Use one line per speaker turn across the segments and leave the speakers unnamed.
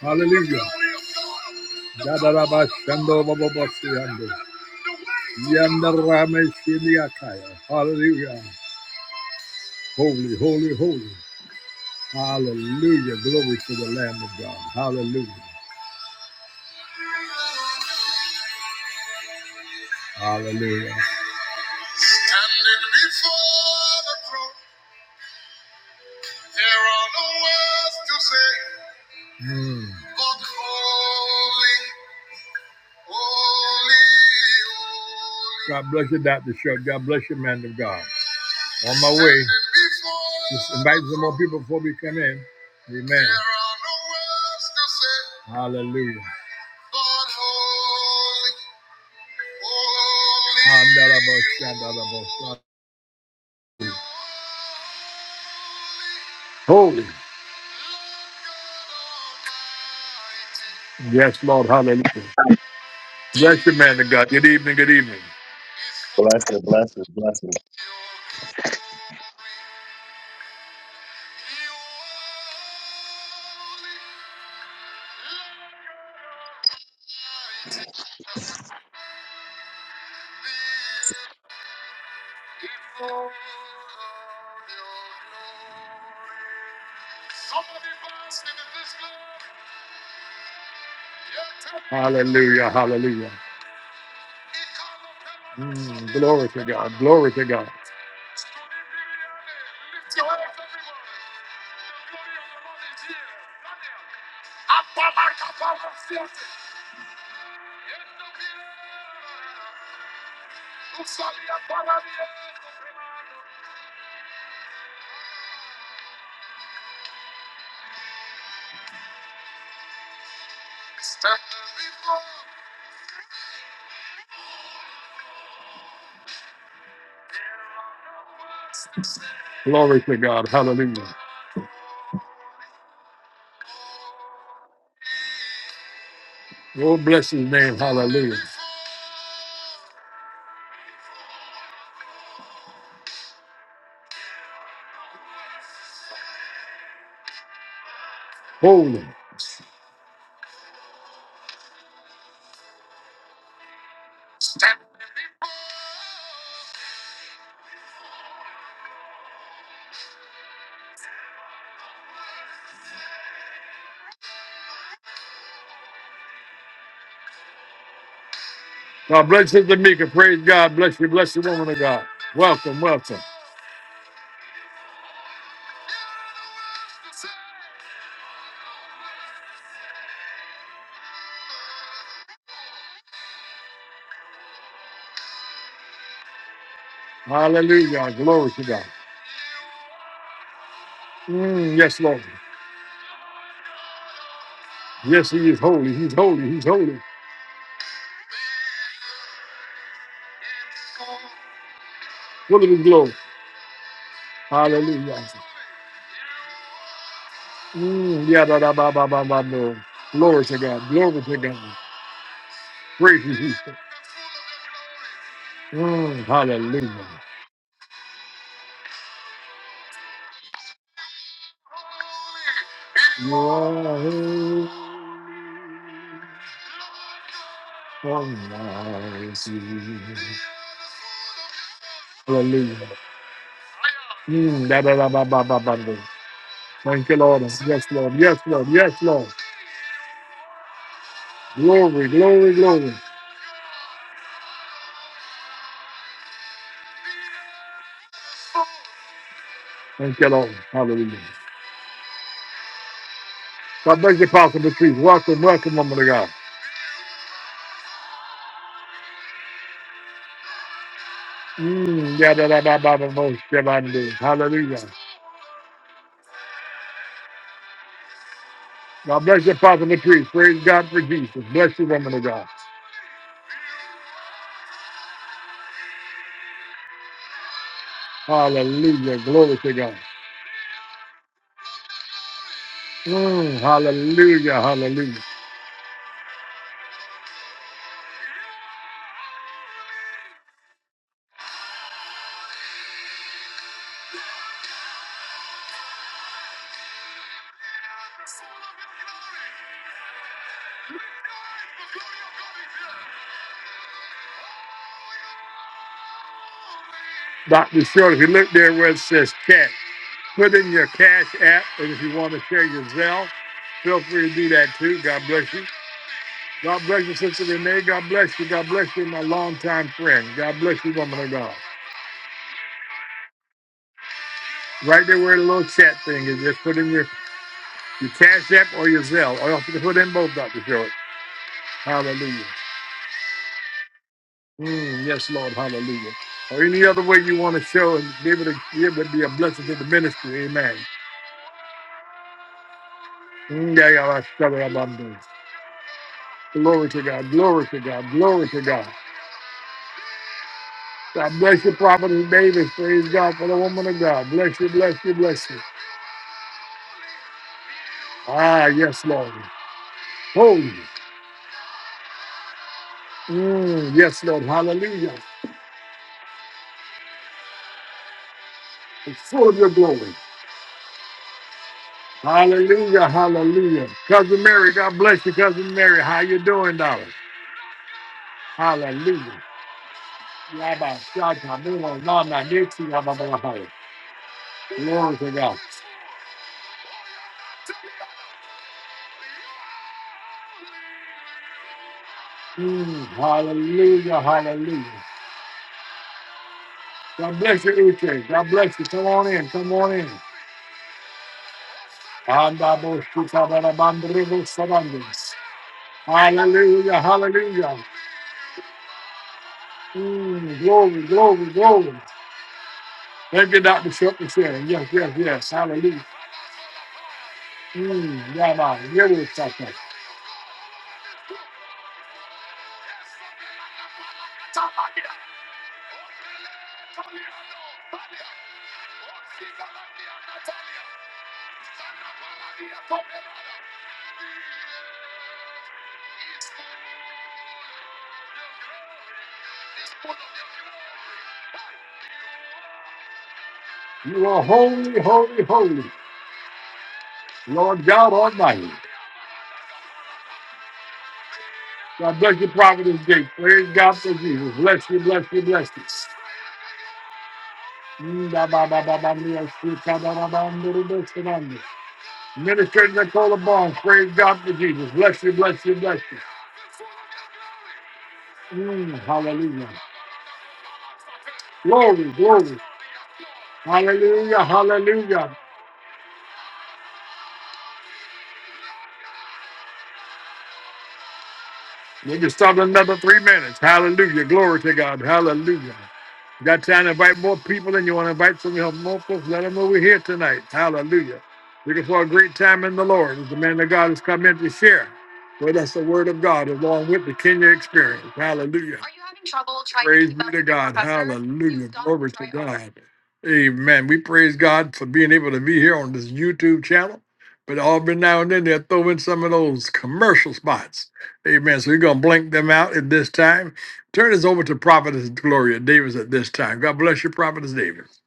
Hallelujah. Yadarabashando bababasiyando. Yandarameshiniakaya. Hallelujah. Holy, holy, holy. Hallelujah. Glory to the Lamb of God. Hallelujah. Hallelujah. Mm. God bless you, Dr. Shug. God bless you, man of God. On my way. Just invite some more people before we come in. Amen. Hallelujah. Andalabashandalabasha. Holy. Yes, Lord. Hallelujah. Bless you, man of God. Good evening. Good evening.
Bless you, bless you, bless you.
Hallelujah. Hallelujah. Mm, glory to God. Glory to God. Glory to God. Hallelujah. Oh, bless his name. Hallelujah. Holy. God bless Sister Mika. Praise God. Bless you. Bless the woman of God. Welcome. Welcome. Hallelujah. Glory to God. Mm, yes, Lord. Yes, he is holy. He's holy. He's holy. Full of his glory. Hallelujah. Mm, yeah, da, da, ba, ba, ba, ba, ba. Glory to God. Glory to God. Praise you, Jesus. Mm, hallelujah. You are almighty. Hallelujah. Mm, da, da, da, ba, ba, ba, ba, ba. Thank you, Lord. Yes, Lord. Yes, Lord. Yes, Lord. Glory, glory, glory. Thank you, Lord. Hallelujah. God bless you, Pastor Patrice. Welcome, welcome, woman of God. Mm, yeah, yeah, yeah, yeah, yeah, yeah, yeah, yeah, yeah, yeah. Hallelujah. God bless you, Pastor and the priest. Praise God for Jesus. Bless you, woman of God. Hallelujah. Glory to God. Mm, hallelujah. Hallelujah. Dr. Short, if you look there where it says chat, put in your cash app. And if you want to share your Zelle, feel free to do that too. God bless you. God bless you, Sister Renee. God bless you. God bless you, my longtime friend. God bless you, woman of God. Right there where the little chat thing is, just put in your Your Cash App or your Zelle. Or else you can put in both, Dr. George. Hallelujah. Mm, yes, Lord. Hallelujah. Or any other way you want to show and be able to give and be a blessing to the ministry. Amen. Mm, yeah, yeah, that's better about this. Glory to God. Glory to God. Glory to God. God bless you, Prophet Davis. Praise God for the woman of God. Bless you, bless you, bless you. Ah, yes, Lord. Holy. Mm, yes, Lord. Hallelujah. It's full of your glory. Hallelujah, hallelujah. Cousin Mary, God bless you, Cousin Mary. How you doing, darling? Hallelujah. Yabba, shaka, mula, lama, nixie, yabba, blah, blah, blah. Glory to God. Mm, hallelujah, hallelujah. God bless you, Uche. God bless you. Come on in, come on in. Anda, bo, shika, bada, bandrigo, sabandas. Hallelujah, hallelujah. Mm, glory, glory, glory. Thank you, Dr. Shepard. Yes, yes, yes. Hallelujah. Mm, yabba, yabba, You are holy, holy, holy, Lord God Almighty. God bless you, Providence Gate. Praise God for Jesus. Bless you, bless you, bless you. Minister Nicola Barnes, praise God for Jesus. Bless you, bless you, bless you. Mm, hallelujah. Glory, glory. Hallelujah, hallelujah. We can start another three minutes. Hallelujah. Glory to God. Hallelujah. got time to invite more people and you want to invite some help more folks. Let them know we're here tonight. Hallelujah. Looking for a great time in the Lord. As the man of God has come in to share with us the word of God along with the Kenya experience. Hallelujah. Praise be to God. Hallelujah. Glory to God. Amen. We praise God for being able to be here on this YouTube channel. But every now and then they'll throw in some of those commercial spots. Amen. So we're going to blink them out at this time. Turn this over to Prophetess Gloria Davis at this time. God bless you, Prophetess Davis.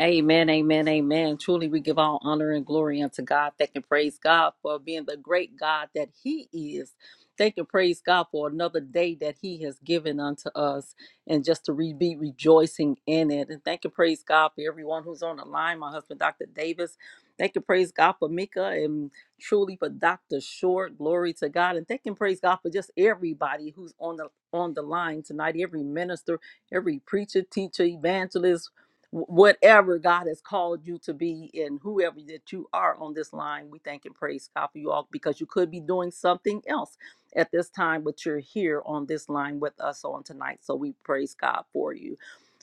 Amen, amen, amen. Truly, we give all honor and glory unto God. Thank and praise God for being the great God that He is. Thank and praise God for another day that He has given unto us and just to re- be rejoicing in it. And thank and praise God for everyone who's on the line, my husband, Dr. Davis. Thank and praise God for Mika and truly for Dr. Short. Glory to God. And thank and praise God for just everybody who's on the on the line tonight, every minister, every preacher, teacher, evangelist, wh- whatever God has called you to be and whoever that you are on this line, we thank and praise God for you all because you could be doing something else at this time, but you're here on this line with us on tonight. So we praise God for you.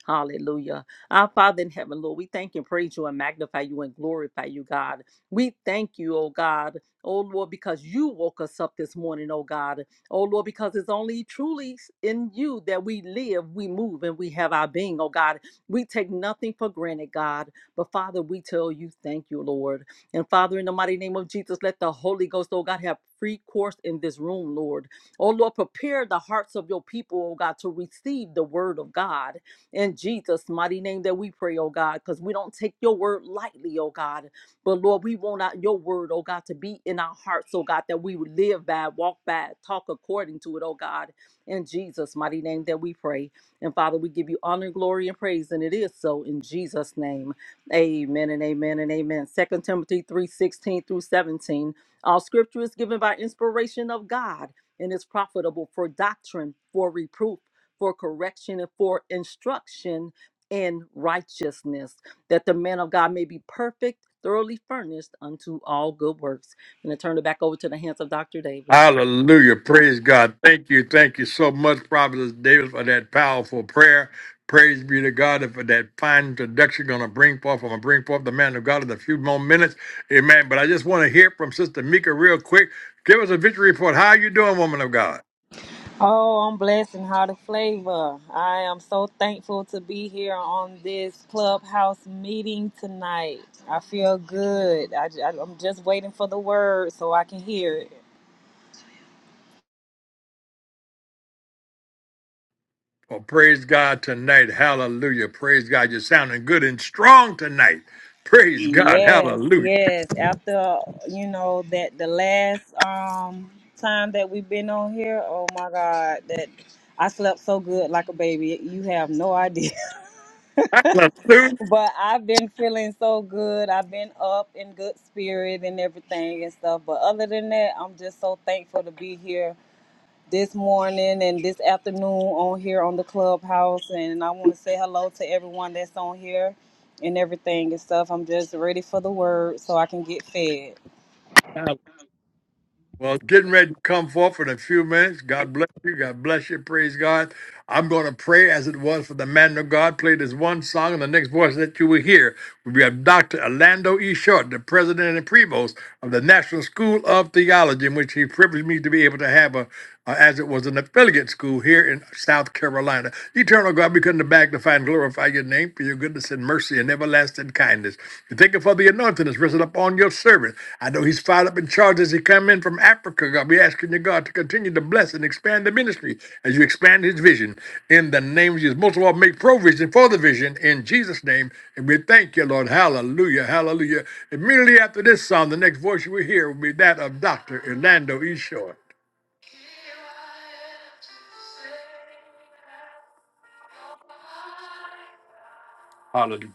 Hallelujah. Our Father in heaven, Lord, we thank and praise you and magnify you and glorify you, God. We thank you, oh God, oh Lord, because you woke us up this morning, oh God. Oh Lord, because it's only truly in you that we live, we move, and we have our being, oh God. We take nothing for granted, God. But Father, we tell you, thank you, Lord. And Father, in the mighty name of Jesus, let the Holy Ghost, oh God, have free course in this room, Lord. Oh Lord, prepare the hearts of your people, oh God, to receive the word of God. In Jesus' mighty name that we pray, oh God, because we don't take your word lightly, oh God. But Lord, we want out your word, oh God, to be in our hearts, oh God, that we would live by, walk by, talk according to it, oh God. In Jesus' mighty name that we pray. And Father, we give you honor, glory, and praise. And it is so in Jesus' name. Amen and amen and amen. Second Timothy three sixteen through 17. All scripture is given by inspiration of God and is profitable for doctrine, for reproof for correction and for instruction in righteousness, that the man of God may be perfect, thoroughly furnished unto all good works. And I turn it back over to the hands of Dr. Davis.
Hallelujah. Praise God. Thank you. Thank you so much, Prophet David, for that powerful prayer. Praise be to God and for that fine introduction going to bring forth. I'm going to bring forth the man of God in a few more minutes. Amen. But I just want to hear from Sister Mika real quick. Give us a victory report. How you doing, woman of God?
Oh, I'm blessed and how to flavor. I am so thankful to be here on this clubhouse meeting tonight. I feel good. I, am just waiting for the word so I can hear it.
Well, praise God tonight. Hallelujah. Praise God. You're sounding good and strong tonight. Praise God.
Yes,
Hallelujah.
yes. After you know that the last um time that we've been on here, oh my God, that I slept so good like a baby. You have no idea.
Hallelujah.
But I've been feeling so good. I've been up in good spirit and everything and stuff. But other than that, I'm just so thankful to be here this morning and this afternoon on here on the clubhouse. And I want to say hello to everyone that's on here and everything and stuff. I'm just ready for the word so I can get fed.
Well, getting ready to come forth in a few minutes. God bless you. God bless you. Praise God. I'm going to pray as it was for the man of God. Play this one song, and the next voice that you will hear will be of Dr. Orlando E. Short, the president and provost of the National School of Theology, in which he privileged me to be able to have a uh, as it was an affiliate school here in South Carolina. Eternal God, we come to magnify and glorify your name for your goodness and mercy and everlasting kindness. We thank you for the anointing that's risen up on your servant. I know he's fired up in charge as he come in from Africa, God. We asking you, God, to continue to bless and expand the ministry as you expand his vision. In the name of Jesus, most of all, make provision for the vision in Jesus' name. And we thank you, Lord. Hallelujah. Hallelujah. Immediately after this song, the next voice you will hear will be that of Dr. Orlando E. Short. Hallelujah.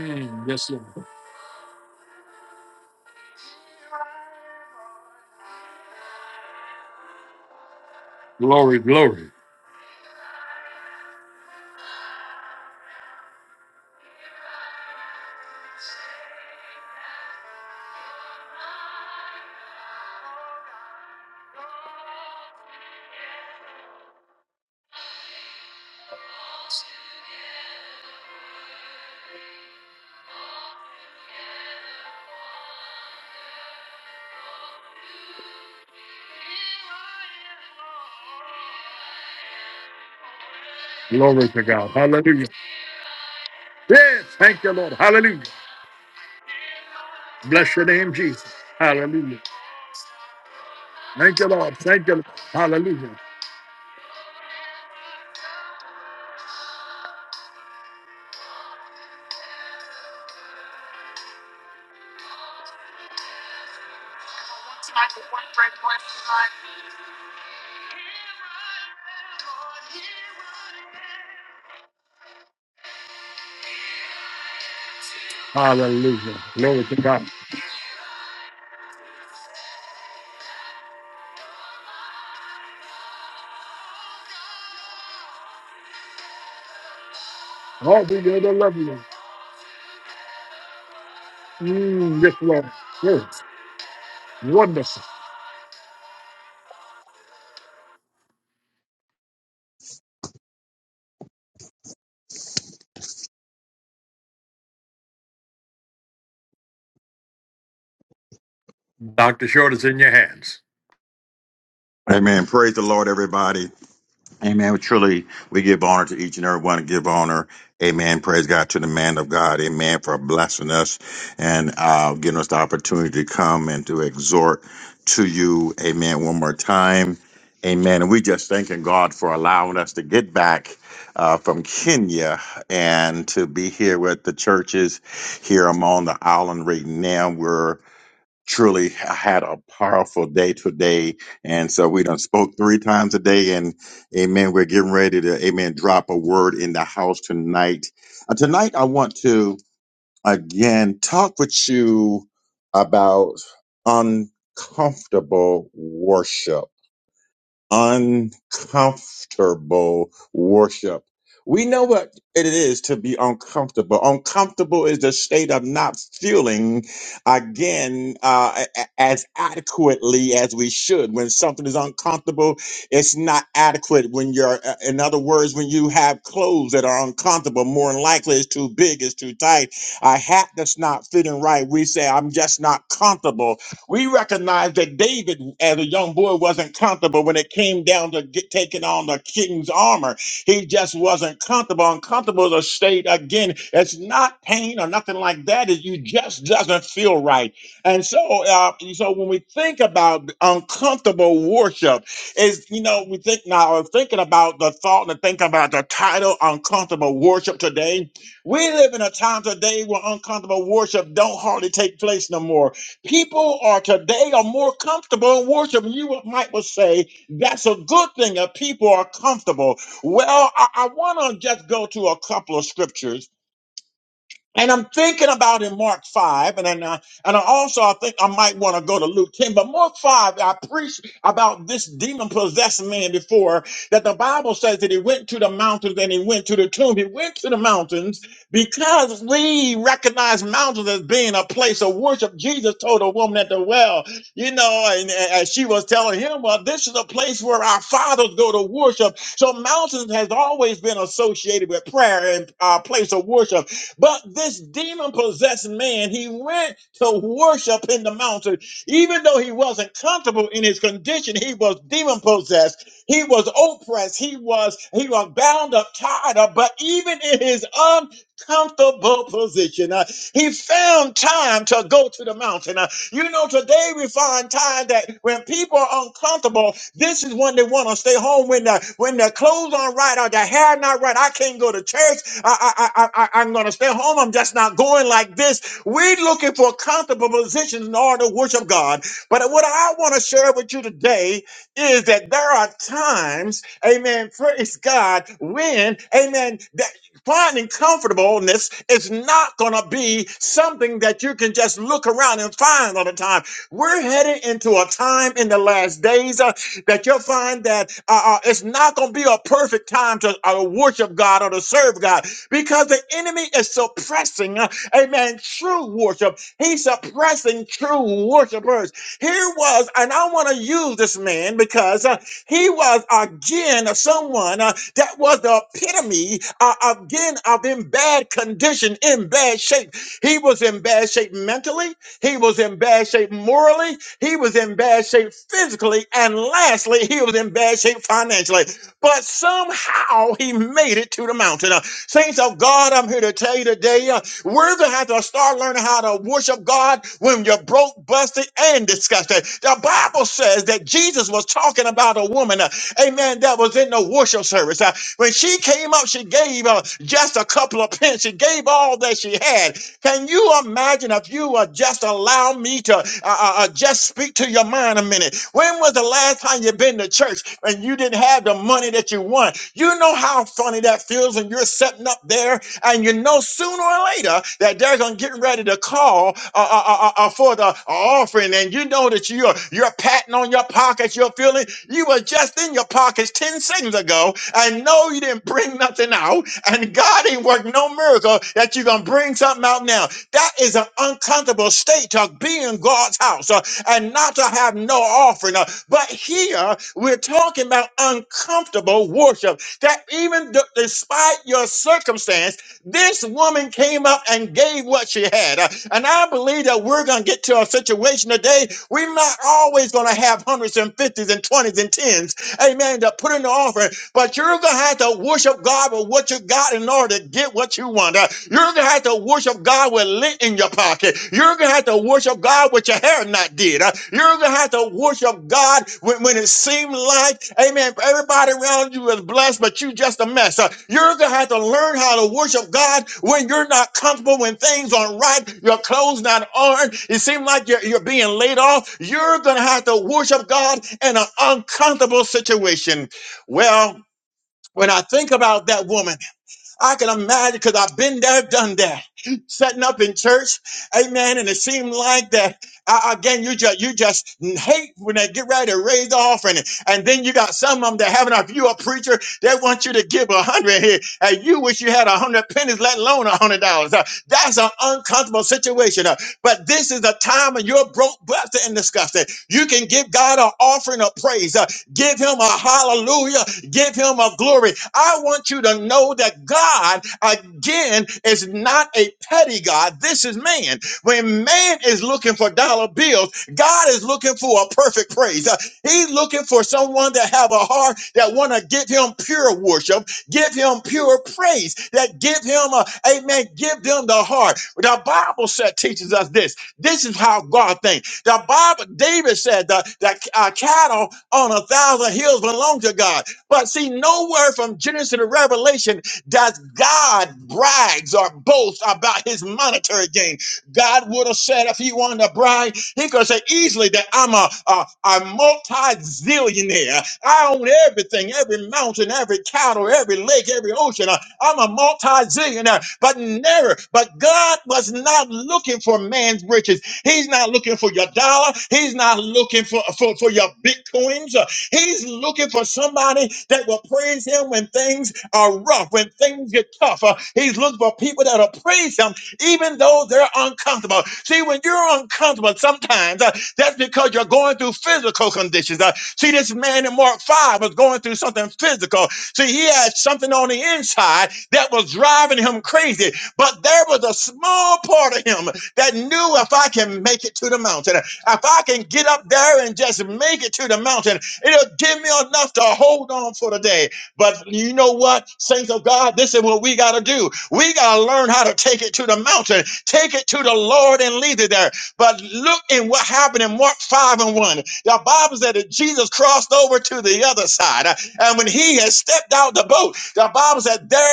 Mm, Yes, Lord. Glory, glory. Glory to God. Hallelujah. Yes, thank you, Lord. Hallelujah. Bless your name, Jesus. Hallelujah. Thank you, Lord. Thank you. Lord. Hallelujah. Hallelujah. Glory to God. Oh, we know the love you. Mm, yes, Lord. Yes. Wonderful. Dr. Short is in your hands.
Amen. Praise the Lord, everybody. Amen. truly, we give honor to each and every one. Give honor. Amen. Praise God to the man of God. Amen. For blessing us and uh, giving us the opportunity to come and to exhort to you. Amen. One more time. Amen. And we just thanking God for allowing us to get back uh, from Kenya and to be here with the churches here. I'm on the island right now. truly ha- had a powerful day today. And so we done spoke three times a day and amen. We're getting ready to, amen, drop a word in the house tonight. Uh, tonight, I want to again talk with you about uncomfortable worship uncomfortable worship. We know what it is to be uncomfortable. Uncomfortable is the state of not feeling again uh, a- a- as adequately as we should. When something is uncomfortable, it's not adequate. When you're, uh, in other words, when you have clothes that are uncomfortable, more than likely it's too big, it's too tight. A hat that's not fitting right, we say, I'm just not comfortable we recognize that David, as a young boy, wasn't comfortable when it came down to get, taking on the king's armor. He just wasn't comfortable. Uncomfortable is a state, again, it's not pain or nothing like that. It you just doesn't feel right. And so, uh, so when we think about uncomfortable worship, is you know we think now of thinking about the thought and thinking about the title uncomfortable worship today we live in a time today where uncomfortable worship don't hardly take place no more People are today are more comfortable in worship. And you might well say that's a good thing that people are comfortable. Well, I, I want to just go to a couple of scriptures and I'm thinking about in Mark 5, and then, uh, and I also I think I might want to go to Luke 10, but Mark 5, I preached about this demon possessed man before that the Bible says that he went to the mountains and he went to the tomb. He went to the mountains because we recognize mountains as being a place of worship. Jesus told a woman at the well, you know, and, and and she was telling him, well, this is a place where our fathers go to worship. So mountains has always been associated with prayer and a place of worship. But this demon possessed man, he went to worship in the mountain. Even though he wasn't comfortable in his condition, he was demon possessed. He was oppressed. He was he was bound up, tied up. But even in his uncomfortable position, uh, he found time to go to the mountain. Uh, you know, today we find time that when people are uncomfortable, this is when they want to stay home. When the when their clothes aren't right or their hair not right, I can't go to church. I, I, I, I, I'm going to stay home. I'm just not going like this. We're looking for comfortable positions in order to worship God. But what I want to share with you today is that there are times, amen, praise God, when, amen, that finding comfortableness is not going to be something that you can just look around and find all the time. We're heading into a time in the last days uh, that you'll find that uh, uh, it's not going to be a perfect time to uh, worship God or to serve God because the enemy is suppressing, uh, amen, true worship. He's suppressing true worshipers. Here was, and I want to use this man because uh, he was again someone uh, that was the epitome uh, again of in bad condition, in bad shape. He was in bad shape mentally, he was in bad shape morally, he was in bad shape physically, and lastly, he was in bad shape financially. But somehow he made it to the mountain. Uh, Saints of God, I'm here to tell you today, uh, we're going to have to start learning how to worship God when you're broke, busted, and disgusted. The Bible says that Jesus was talking about a woman, uh, amen, that was in the worship service. Uh, when she came up, she gave uh, just a couple of pence. She gave all that she had. Can you imagine if you would just allow me to uh, uh, uh, just speak to your mind a minute? When was the last time you been to church and you didn't have the money that you want? You know how funny that feels when you're sitting up there and you know sooner or later that there's on getting ready to call uh, uh, uh, uh, uh, for the offering, and you know that you're you're patting on your pockets, you're feeling you were just in your pockets 10 seconds ago, and no, you didn't bring nothing out, and God ain't worked no miracle that you're gonna bring something out now. That is an uncomfortable state to be in God's house uh, and not to have no offering. uh, but here we're talking about uncomfortable worship that even d- despite your circumstance. This woman came up and gave what she had. Uh, And I believe that we're going to get to a situation today. We're not always going to have hundreds and fifties and twenties and tens. Amen. To put in the offer. But you're going to have to worship God with what you got in order to get what you want. Uh, You're going to have to worship God with lint in your pocket. You're going to have to worship God with your hair not did. Uh, You're going to have to worship God when, when it seemed like, amen, everybody around you is blessed, but you just a mess. Uh, You're going to have to learn how to worship God when you're not comfortable, when things aren't right, your clothes not on, it seems like you're, you're being laid off. You're going to have to worship God in an uncomfortable situation. Well, when I think about that woman, I can imagine because I've been there, done that, setting up in church, amen. And it seemed like that I, again. You just you just hate when they get ready to raise the offering, and then you got some of them that having if you a preacher, they want you to give a hundred here, and you wish you had a hundred pennies, let alone a hundred dollars. Uh, That's an uncomfortable situation. Uh, But this is a time of your broke, busted, and disgusted. You can give God an offering of praise. Uh, Give him a hallelujah Give him a glory. I want you to know that God, again, is not a petty God. This is man. When man is looking for dollar bills, God is looking for a perfect praise. Uh, He's looking for someone that have a heart that want to give him pure worship, give him pure praise, that give him a amen, give them the heart. The Bible said teaches us this. This is how God thinks. The Bible, David said that, that uh, cattle on a thousand hills belong to God. But see, nowhere from Genesis to Revelation does God brags or boast about his monetary gain. God would have said if he wanted to brag, he could say easily that I'm a, a, a multi-zillionaire. I own everything, every mountain, every cattle, every lake, every ocean. I- I'm a multi-zillionaire. But never, but God was not looking for man's riches. He's not looking for your dollar. He's not looking for, for, for your bitcoins. He's looking for somebody that will praise him when things are rough, when things get tough. Uh, he's looking for people that'll praise him even though they're uncomfortable. See, when you're uncomfortable sometimes, uh, that's because you're going through physical conditions. Uh, see, this man in Mark 5 was going through something physical. See, he had something on the inside that was driving him crazy, but there was a small part of him that knew if I can make it to the mountain, if I can get up there and just make it to the mountain, It'll give me enough to hold on for the day. But you know what, saints of God, this is what we got to do. We got to learn how to take it to the mountain, take it to the Lord and leave it there. But look in what happened in Mark 5 and 1. The Bible said that Jesus crossed over to the other side. uh, And when he had stepped out the boat, the Bible said there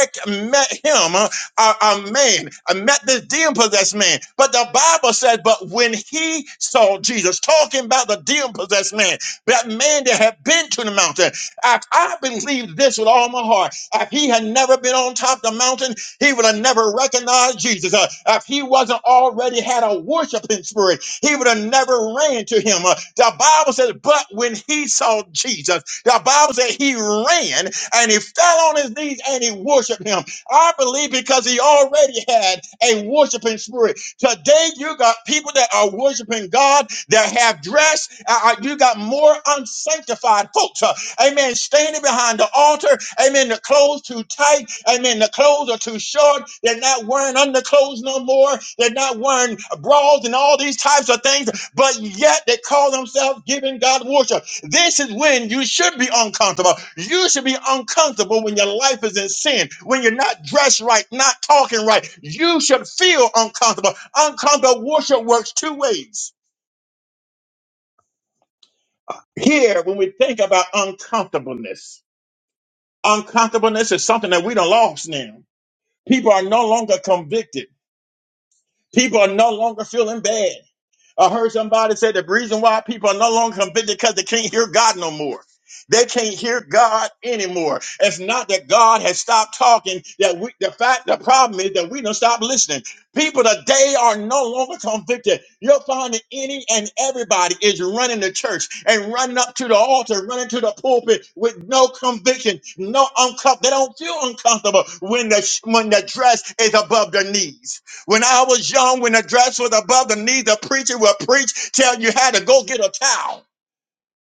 met him uh, a, a man, uh, met this demon possessed man. But the Bible said, but when he saw Jesus talking about the demon possessed man, that man that had been to the mountain. I, I believe this with all my heart. If he had never been on top of the mountain, he would have never recognized Jesus. Uh, if he wasn't already had a worshiping spirit, he would have never ran to him. Uh, the Bible says, but when he saw Jesus, the Bible said he ran and he fell on his knees and he worshiped him. I believe because he already had a worshiping spirit. Today, you got people that are worshiping God that have dressed. Uh, uh, you got more unsanctified folks. uh, amen. Standing behind the altar. Amen. The clothes too tight. Amen. The clothes are too short. They're not wearing underclothes no more. They're not wearing bras and all these types of things. But yet they call themselves giving God worship. This is when you should be uncomfortable. You should be uncomfortable when your life is in sin, when you're not dressed right, not talking right. You should feel uncomfortable. Uncomfortable worship works two ways. Here, when we think about uncomfortableness, uncomfortableness is something that we do lost now. People are no longer convicted. People are no longer feeling bad. I heard somebody say the reason why people are no longer convicted because they can't hear God no more. They can't hear God anymore. It's not that God has stopped talking. That we, the fact, the problem is that we don't stop listening. People today are no longer convicted. You'll find that any and everybody is running the church and running up to the altar, running to the pulpit with no conviction, no uncomfortable. They don't feel uncomfortable when the when the dress is above their knees. When I was young, when the dress was above the knee, the preacher would preach, tell you how to go get a towel.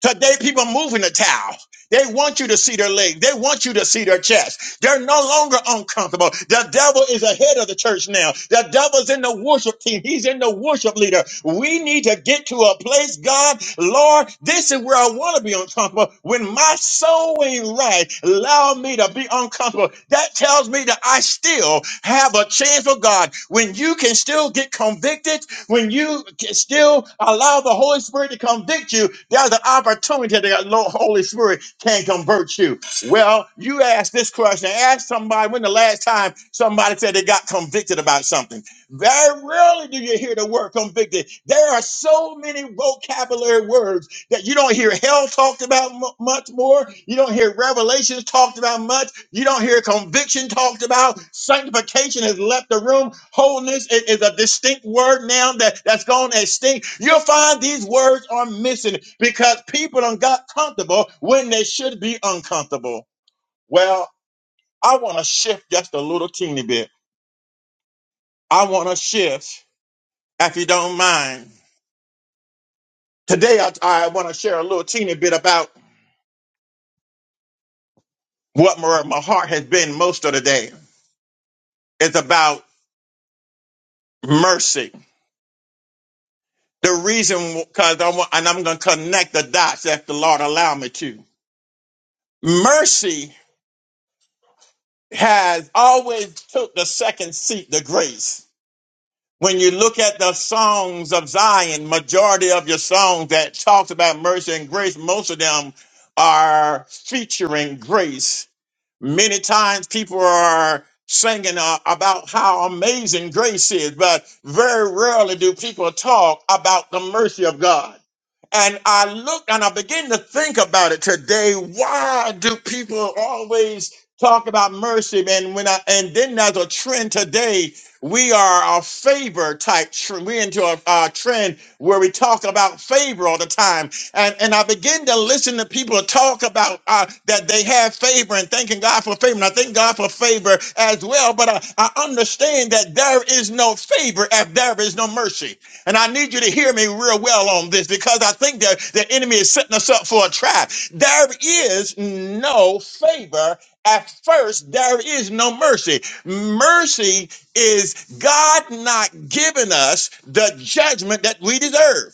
Today, people are moving the towel. They want you to see their legs. They want you to see their chest. They're no longer uncomfortable. The devil is ahead of the church now. The devil's in the worship team. He's in the worship leader. We need to get to a place, God, Lord, this is where I want to be uncomfortable. When my soul ain't right, allow me to be uncomfortable. That tells me that I still have a chance for God. When you can still get convicted, when you still allow the Holy Spirit to convict you, there's an opportunity that the Holy Spirit can convert you. Well, you ask this question. Ask somebody when the last time somebody said they got convicted about something. Very rarely do you hear the word convicted. There are so many vocabulary words that you don't hear hell talked about mu much more. You don't hear revelations talked about much. You don't hear conviction talked about. Sanctification has left the room. Wholeness i- is, a distinct word now that, that's gone extinct. You'll find these words are missing because people done got comfortable when they should be uncomfortable. Well, I want to shift just a little teeny bit. I want to shift, if you don't mind. Today, I, I want to share a little teeny bit about what my, my heart has been most of the day. It's about mercy. The reason, because I want, and I'm going to connect the dots if the Lord allow me to. Mercy has always took the second seat to grace. When you look at the songs of Zion, majority of your songs that talks about mercy and grace, most of them are featuring grace many times people are singing uh, about how amazing grace is, but very rarely do people talk about the mercy of God. And I look and I begin to think about it today. Why do people always talk about mercy? And when I and then there's a trend today, we are a favor type. Tr- we're into a, a trend where we talk about favor all the time and, and I begin to listen to people talk about uh, that they have favor and thanking God for favor. And I thank God for favor as well. But I, I understand that there is no favor if there is no mercy. And I need you to hear me real well on this because I think that the enemy is setting us up for a trap. There is no favor. At first, there is no mercy. Mercy is God not giving us the judgment that we deserve.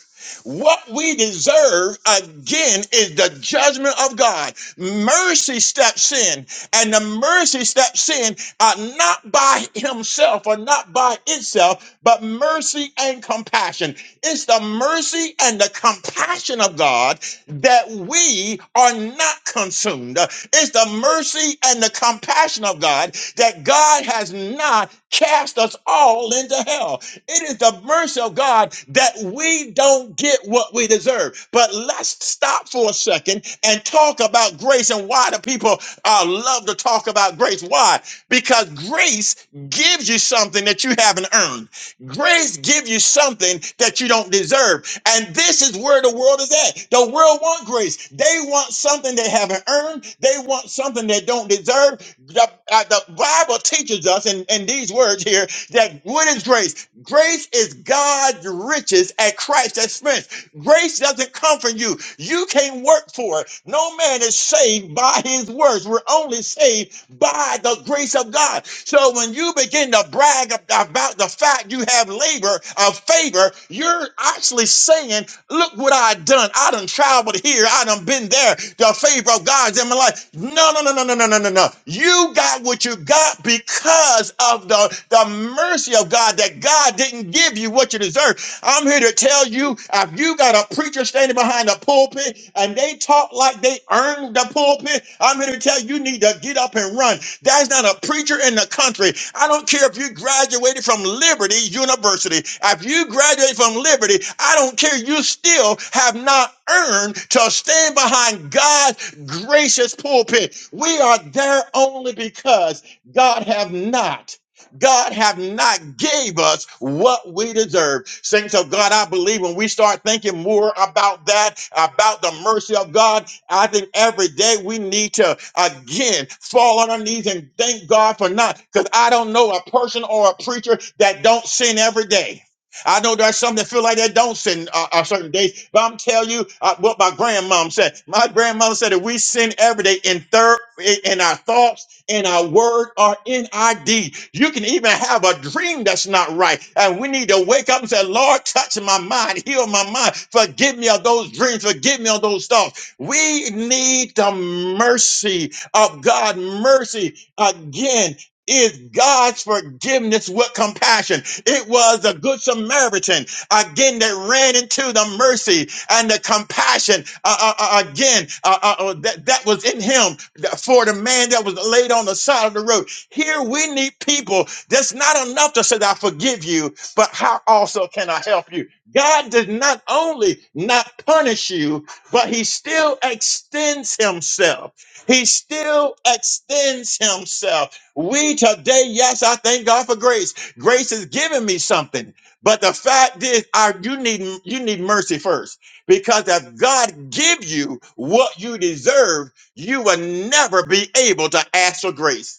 What we deserve again is the judgment of God. Mercy steps in, and the mercy steps in uh, not by himself or not by itself, but mercy and compassion. It's the mercy and the compassion of God that we are not consumed. It's the mercy and the compassion of God that God has not cast us all into hell. It is the mercy of God that we don't get what we deserve. But let's stop for a second and talk about grace and why the people uh, love to talk about grace? Why? Because grace gives you something that you haven't earned. Grace gives you something that you don't deserve. And this is where the world is at. The world wants grace. They want something they haven't earned. They want something they don't deserve. The, uh, the Bible teaches us in, in these words here that what is grace? Grace is God's riches at Christ's expense. Grace doesn't come from you. You can't work for it. No man is saved by his works. We're only saved by the grace of God. So when you begin to brag ab- about the fact you have labor of favor, you're actually saying Look what I done. I done traveled here. I done been there. The favor of God's in my life. No, no, no, no, no, no, no, no, no. You got what you got because of the, the mercy of God that God didn't give you what you deserve. I'm here to tell you if you got a preacher standing behind the pulpit and they talk like they earned the pulpit, I'm here to tell you you need to get up and run. There's not a preacher in the country. I don't care if you graduated from Liberty University. If you graduated from Liberty, I don't care. You still have not earned to stand behind God's gracious pulpit. We are there only because God have not God have not gave us what we deserve. Saints of God, I believe when we start thinking more about that, about the mercy of God, I think every day we need to again fall on our knees and thank God for not, because I don't know a person or a preacher that don't sin every day. I know there's some that feel like they don't sin uh, on certain days, but I'm telling you uh, what my grandmom said. My grandmother said that we sin every day in third in in our thoughts, in our word or in our deed. You can even have a dream that's not right. And we need to wake up and say, Lord, touch my mind, heal my mind, forgive me of those dreams, forgive me of those thoughts. We need the mercy of God. Mercy again. Is God's forgiveness with compassion? It was the Good Samaritan again that ran into the mercy and the compassion uh, uh, uh, again uh, uh, uh, that, that was in him for the man that was laid on the side of the road. Here we need people. That's not enough to say, I forgive you, but how also can I help you? God does not only not punish you, but he still extends himself. He still extends himself. We today, yes, I thank God for grace. Grace is giving me something. But the fact is, I, you need you need mercy first. Because if God give you what you deserve, you will never be able to ask for grace.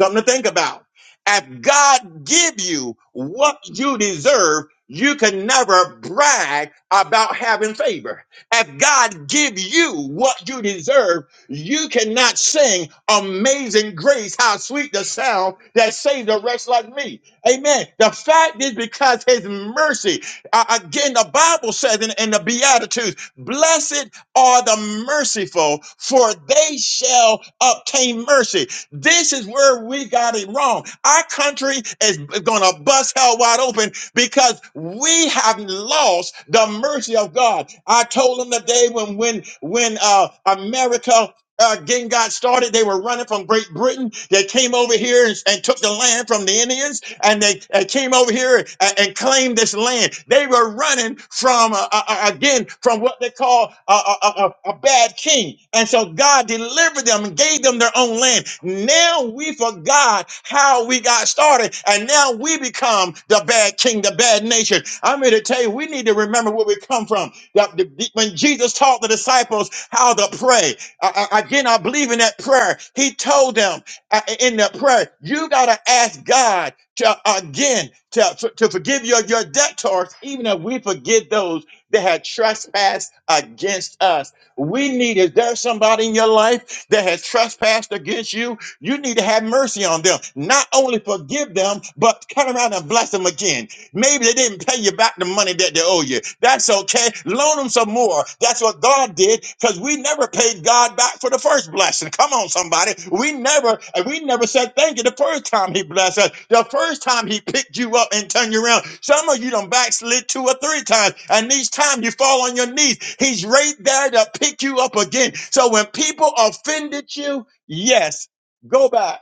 Something to think about. If God give you what you deserve, you can never brag about having favor. If God give you what you deserve, you cannot sing amazing grace, how sweet the sound that saved a wretch like me. Amen. The fact is because his mercy, uh, again, the Bible says in, in the Beatitudes, blessed are the merciful, for they shall obtain mercy. This is where we got it wrong. Our country is going to bust hell wide open because we have lost the mercy of God. I told them the day when when when uh, America uh, getting God started. They were running from Great Britain. They came over here and, and took the land from the Indians, and they uh, came over here and, and claimed this land. They were running from uh, uh, uh, again from what they call a, a, a, a bad king, and so God delivered them and gave them their own land. Now we forgot how we got started, and now we become the bad king, the bad nation. I'm here to tell you, we need to remember where we come from. That the- when Jesus taught the disciples how to pray, I, I- again, I believe in that prayer. He told them uh, in that prayer, you got to ask God to again to, to forgive your, your debtors, even if we forgive those that had trespassed against us. We need, is there somebody in your life that has trespassed against you? You need to have mercy on them. Not only forgive them, but turn around and bless them again. Maybe they didn't pay you back the money that they owe you. That's okay. Loan them some more. That's what God did because we never paid God back for the first blessing. Come on, somebody. We never and we never said thank you the first time He blessed us. The first time He picked you up and turned you around. Some of you done backslid two or three times, and each time you fall on your knees, He's right there to pick you up again. So when people offended you, yes, go back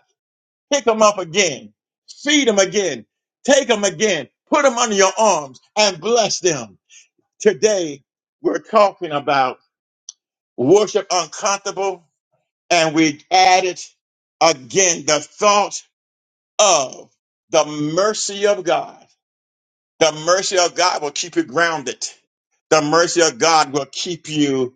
pick them up again, feed them again, take them again, put them under your arms and bless them. Today, we're talking about worship uncomfortable, and we added again the thought of the mercy of God. The mercy of God will keep you grounded. The mercy of God will keep you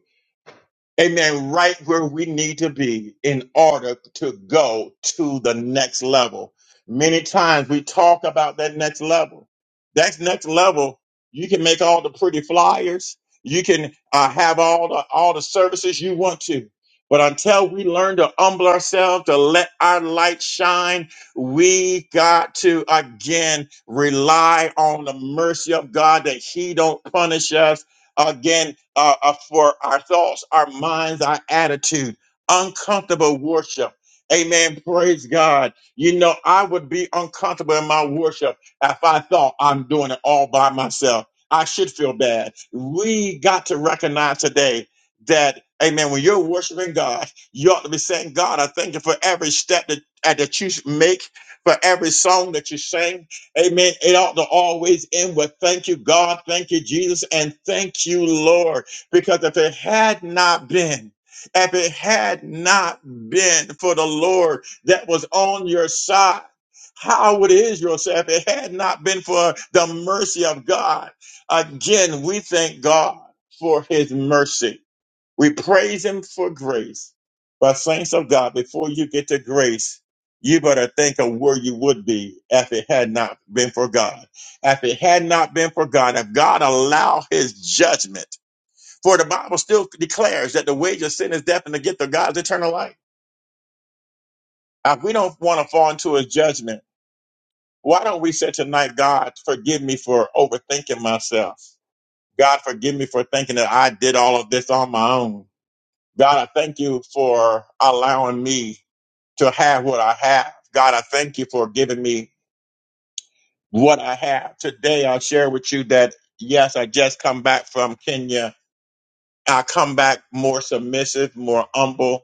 Amen. Right where we need to be in order to go to the next level. Many times we talk about that next level. That next level, you can make all the pretty flyers. You can uh, have all the, all the services you want to. But until we learn to humble ourselves, to let our light shine, we got to again rely on the mercy of God that He don't punish us again uh, uh, for our thoughts, our minds, our attitude, uncomfortable worship. Amen. Praise God. You know, I would be uncomfortable in my worship if I thought I'm doing it all by myself. I should feel bad. We got to recognize today that, amen, when you're worshiping God, you ought to be saying, God, I thank you for every step that, uh, that you make, for every song that you sing. Amen. It ought to always end with thank you, God, thank you, Jesus, and thank you, Lord. Because if it had not been, if it had not been for the Lord that was on your side, how would Israel say if it had not been for the mercy of God? Again, we thank God for his mercy. We praise him for grace. But saints of God, before you get to grace, you better think of where you would be if it had not been for God. If it had not been for God, if God allowed his judgment for the Bible still declares that the wage of sin is death and the gift of God is eternal life. Uh, we don't want to fall into his judgment. Why don't we say tonight, God, forgive me for overthinking myself? God, forgive me for thinking that I did all of this on my own. God, I thank you for allowing me to have what I have. God, I thank you for giving me what I have. Today, I'll share with you that, yes, I just come back from Kenya. I come back more submissive, more humble,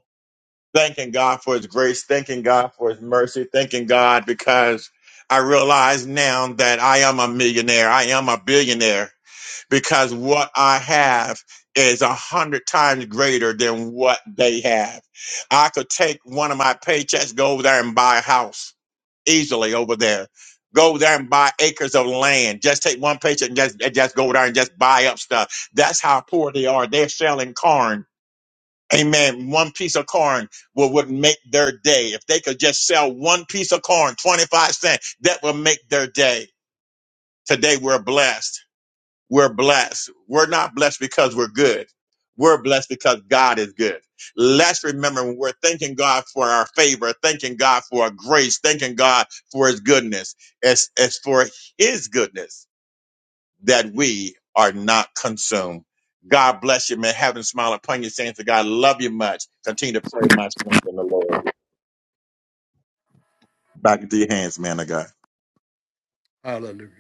thanking God for his grace, thanking God for his mercy, thanking God because I realize now that I am a millionaire. I am a billionaire because what I have is a hundred times greater than what they have. I could take one of my paychecks, go over there and buy a house easily over there. Go over there and buy acres of land. Just take one paycheck and just, and just go over there and just buy up stuff. That's how poor they are. They're selling corn. Amen. One piece of corn would, would make their day. If they could just sell one piece of corn, 25 cents, that would make their day. Today we're blessed. We're blessed. We're not blessed because we're good. We're blessed because God is good. Let's remember when we're thanking God for our favor, thanking God for our grace, thanking God for his goodness. It's, it's for his goodness that we are not consumed. God bless you, man. Heaven smile upon you, saints of God. Love you much. Continue to pray my strength in the Lord. Back into your hands, man of God.
Hallelujah.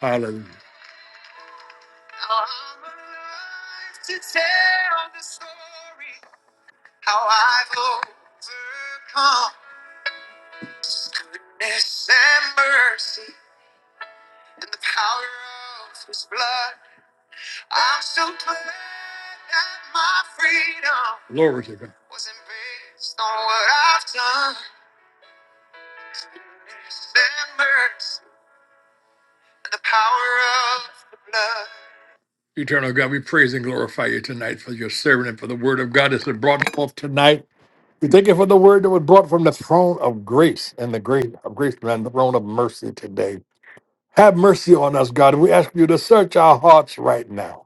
Hallelujah. Glory to God. Eternal God, we praise and glorify you tonight for your servant and for the word of God that's been brought forth tonight. We thank you for the word that was brought from the throne of grace and the grace of grace and the throne of mercy today. Have mercy on us, God. We ask you to search our hearts right now.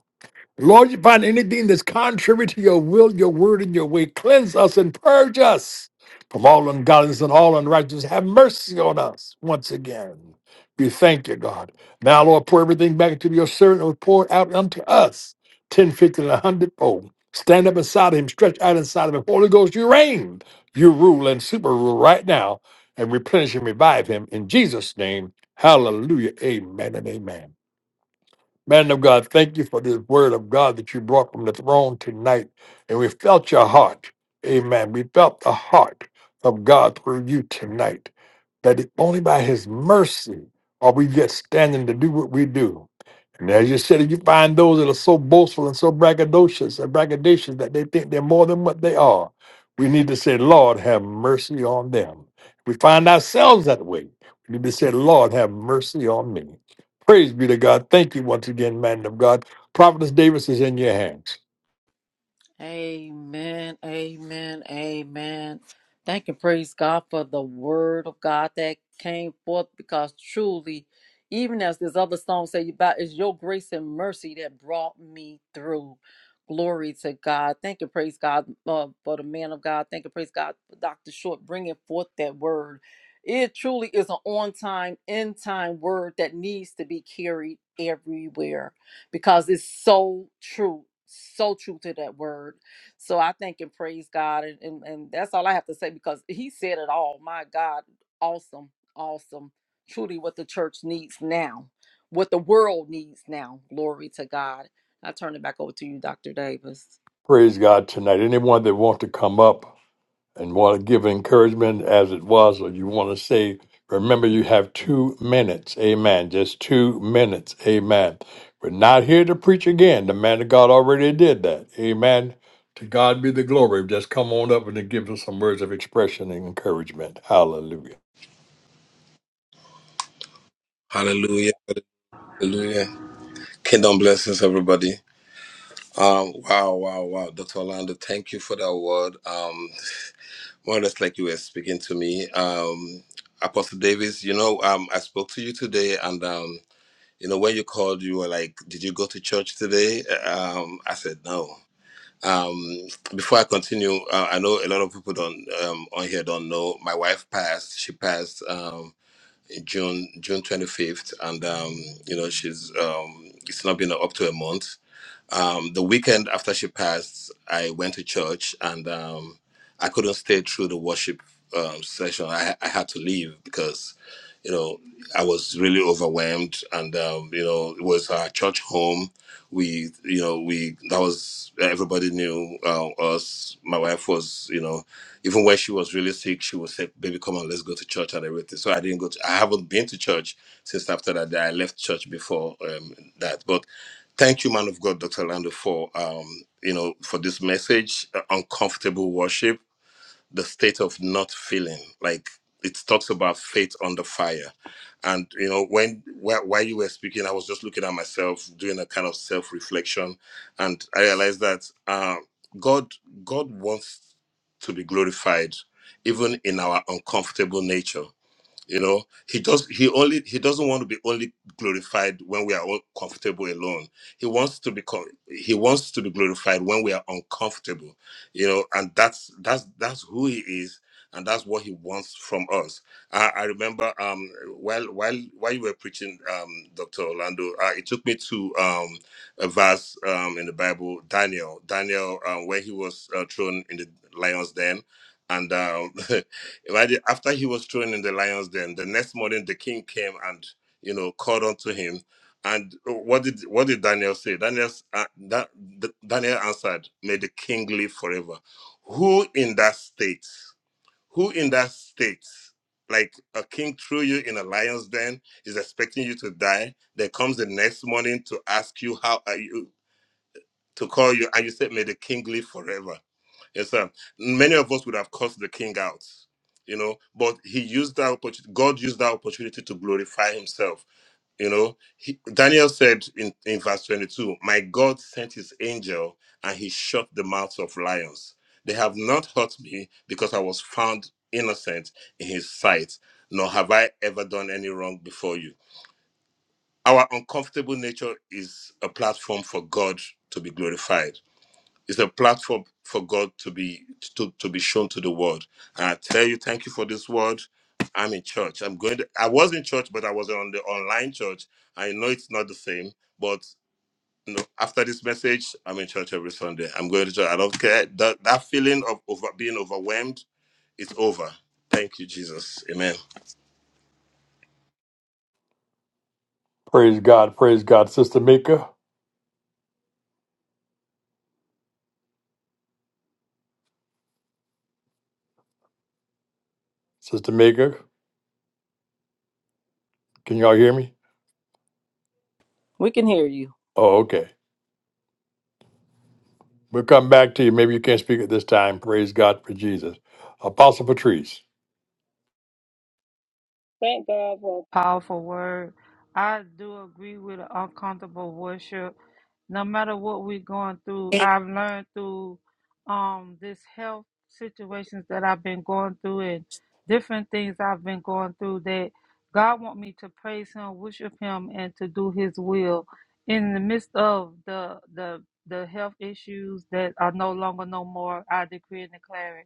Lord, you find anything that's contrary to your will, your word, and your way. Cleanse us and purge us from all ungodliness and all unrighteousness. Have mercy on us once again. We thank you, God. Now, Lord, pour everything back into your servant and pour it out unto us ten, fifty, 50, and 100 fold. Stand up inside of him, stretch out inside of him. Holy Ghost, you reign, you rule, and super rule right now and replenish and revive him in Jesus' name. Hallelujah. Amen and amen. Man of God, thank you for this word of God that you brought from the throne tonight. And we felt your heart. Amen. We felt the heart of God through you tonight. That it, only by his mercy are we yet standing to do what we do. And as you said, if you find those that are so boastful and so braggadocious and braggadocious that they think they're more than what they are, we need to say, Lord, have mercy on them. If we find ourselves that way, we need to say, Lord, have mercy on me. Praise be to God. Thank you once again, man of God. Prophetess Davis is in your hands.
Amen. Amen. Amen. Thank and praise God for the word of God that came forth because truly, even as this other song said, about it's your grace and mercy that brought me through. Glory to God. Thank and praise God uh, for the man of God. Thank and praise God for Dr. Short bringing forth that word. It truly is an on time, in time word that needs to be carried everywhere because it's so true so true to that word so i thank and praise god and, and and that's all i have to say because he said it all my god awesome awesome truly what the church needs now what the world needs now glory to god i turn it back over to you dr davis
Praise God tonight. Anyone that wants to come up and want to give encouragement as it was, or you want to say, remember you have two minutes. Amen. Just two minutes. Amen. We're not here to preach again. The man of God already did that. Amen. To God be the glory. Just come on up and then give us some words of expression and encouragement. Hallelujah.
Hallelujah. Hallelujah. Kingdom blessings, everybody. Um, wow, wow, wow. Dr. Orlando, thank you for that word. Um, more or less like you were speaking to me. Um, Apostle Davis, you know, um, I spoke to you today and, um, you know, when you called, you were like, did you go to church today? Um, I said, no. Um, before I continue, uh, I know a lot of people don't, um, on here don't know my wife passed. She passed, Um. June June 25th, and um, you know she's um, it's not been up to a month, um, the weekend after she passed, I went to church and um, I couldn't stay through the worship um, session. I, I had to leave because, you know, I was really overwhelmed, and um, you know, it was our church home. We, you know, we that was everybody knew uh, us. My wife was, you know, even when she was really sick, she would say, "Baby, come on, let's go to church and everything." So I didn't go. To, I haven't been to church since after that. day. I left church before um, that, but Thank you, man of God, Dr. Lando, for um, you know, for this message, uh, uncomfortable worship, the state of not feeling. Like it talks about faith under fire, and you know, when while, while you were speaking, I was just looking at myself, doing a kind of self reflection, and I realized that uh, God, God wants to be glorified, even in our uncomfortable nature. You know, he does. He only he doesn't want to be only glorified when we are all comfortable alone. He wants to be co- he wants to be glorified when we are uncomfortable. You know, and that's that's that's who he is, and that's what he wants from us. I, I remember um while while while you were preaching, um, Doctor Orlando, uh, it took me to um a verse um in the Bible, Daniel, Daniel, uh, where he was uh, thrown in the lion's den, and. Um, right after he was thrown in the lions den the next morning the king came and you know called unto him and uh, what did what did daniel say daniel s- uh, that daniel answered may the king live forever who in that state who in that state like a king threw you in a lion's den is expecting you to die there comes the next morning to ask you how are you to call you and you said may the king live forever Yes, sir. Many of us would have cursed the king out, you know, but he used that opportunity. God used that opportunity to glorify himself. You know, he, Daniel said in, in verse 22, My God sent his angel and he shut the mouths of lions. They have not hurt me because I was found innocent in his sight, nor have I ever done any wrong before you. Our uncomfortable nature is a platform for God to be glorified it's a platform for God to be to, to be shown to the world. And I tell you, thank you for this word. I'm in church. I'm going to, I was in church, but I was on the online church. I know it's not the same, but you know, after this message, I'm in church every Sunday. I'm going to church. I don't care. That that feeling of over being overwhelmed is over. Thank you, Jesus. Amen.
Praise God. Praise God. Sister Mika. Sister Mika. Can y'all hear me?
we can hear you
Oh, okay. We'll come back to you. Maybe you can't speak at this time. Praise God for Jesus. Apostle Patrice.
Thank God for a powerful word. I do agree with uncomfortable worship. No matter what we're going through, I've learned through um this health situations that I've been going through and different things I've been going through that God want me to praise him, worship him and to do his will in the midst of the the the health issues that are no longer no more I decree and declare it.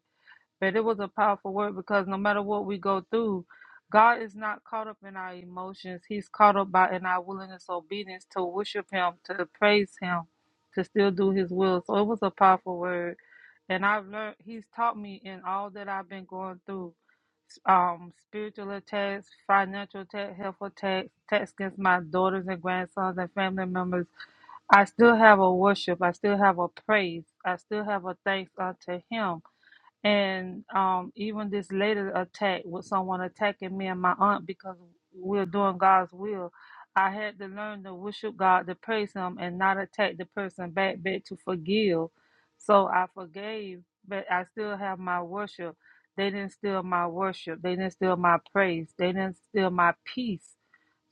But it was a powerful word because no matter what we go through, God is not caught up in our emotions. He's caught up by in our willingness, obedience to worship Him, to praise Him, to still do His will. So it was a powerful word, and I've learned. He's taught me in all that I've been going through, um, spiritual attacks, financial attacks, health attacks, attacks against my daughters and grandsons and family members. I still have a worship. I still have a praise. I still have a thanks unto Him and um, even this later attack with someone attacking me and my aunt because we're doing God's will, I had to learn to worship God, to praise Him, and not attack the person back, back to forgive. So I forgave, but I still have my worship. They didn't steal my worship. They didn't steal my praise. They didn't steal my peace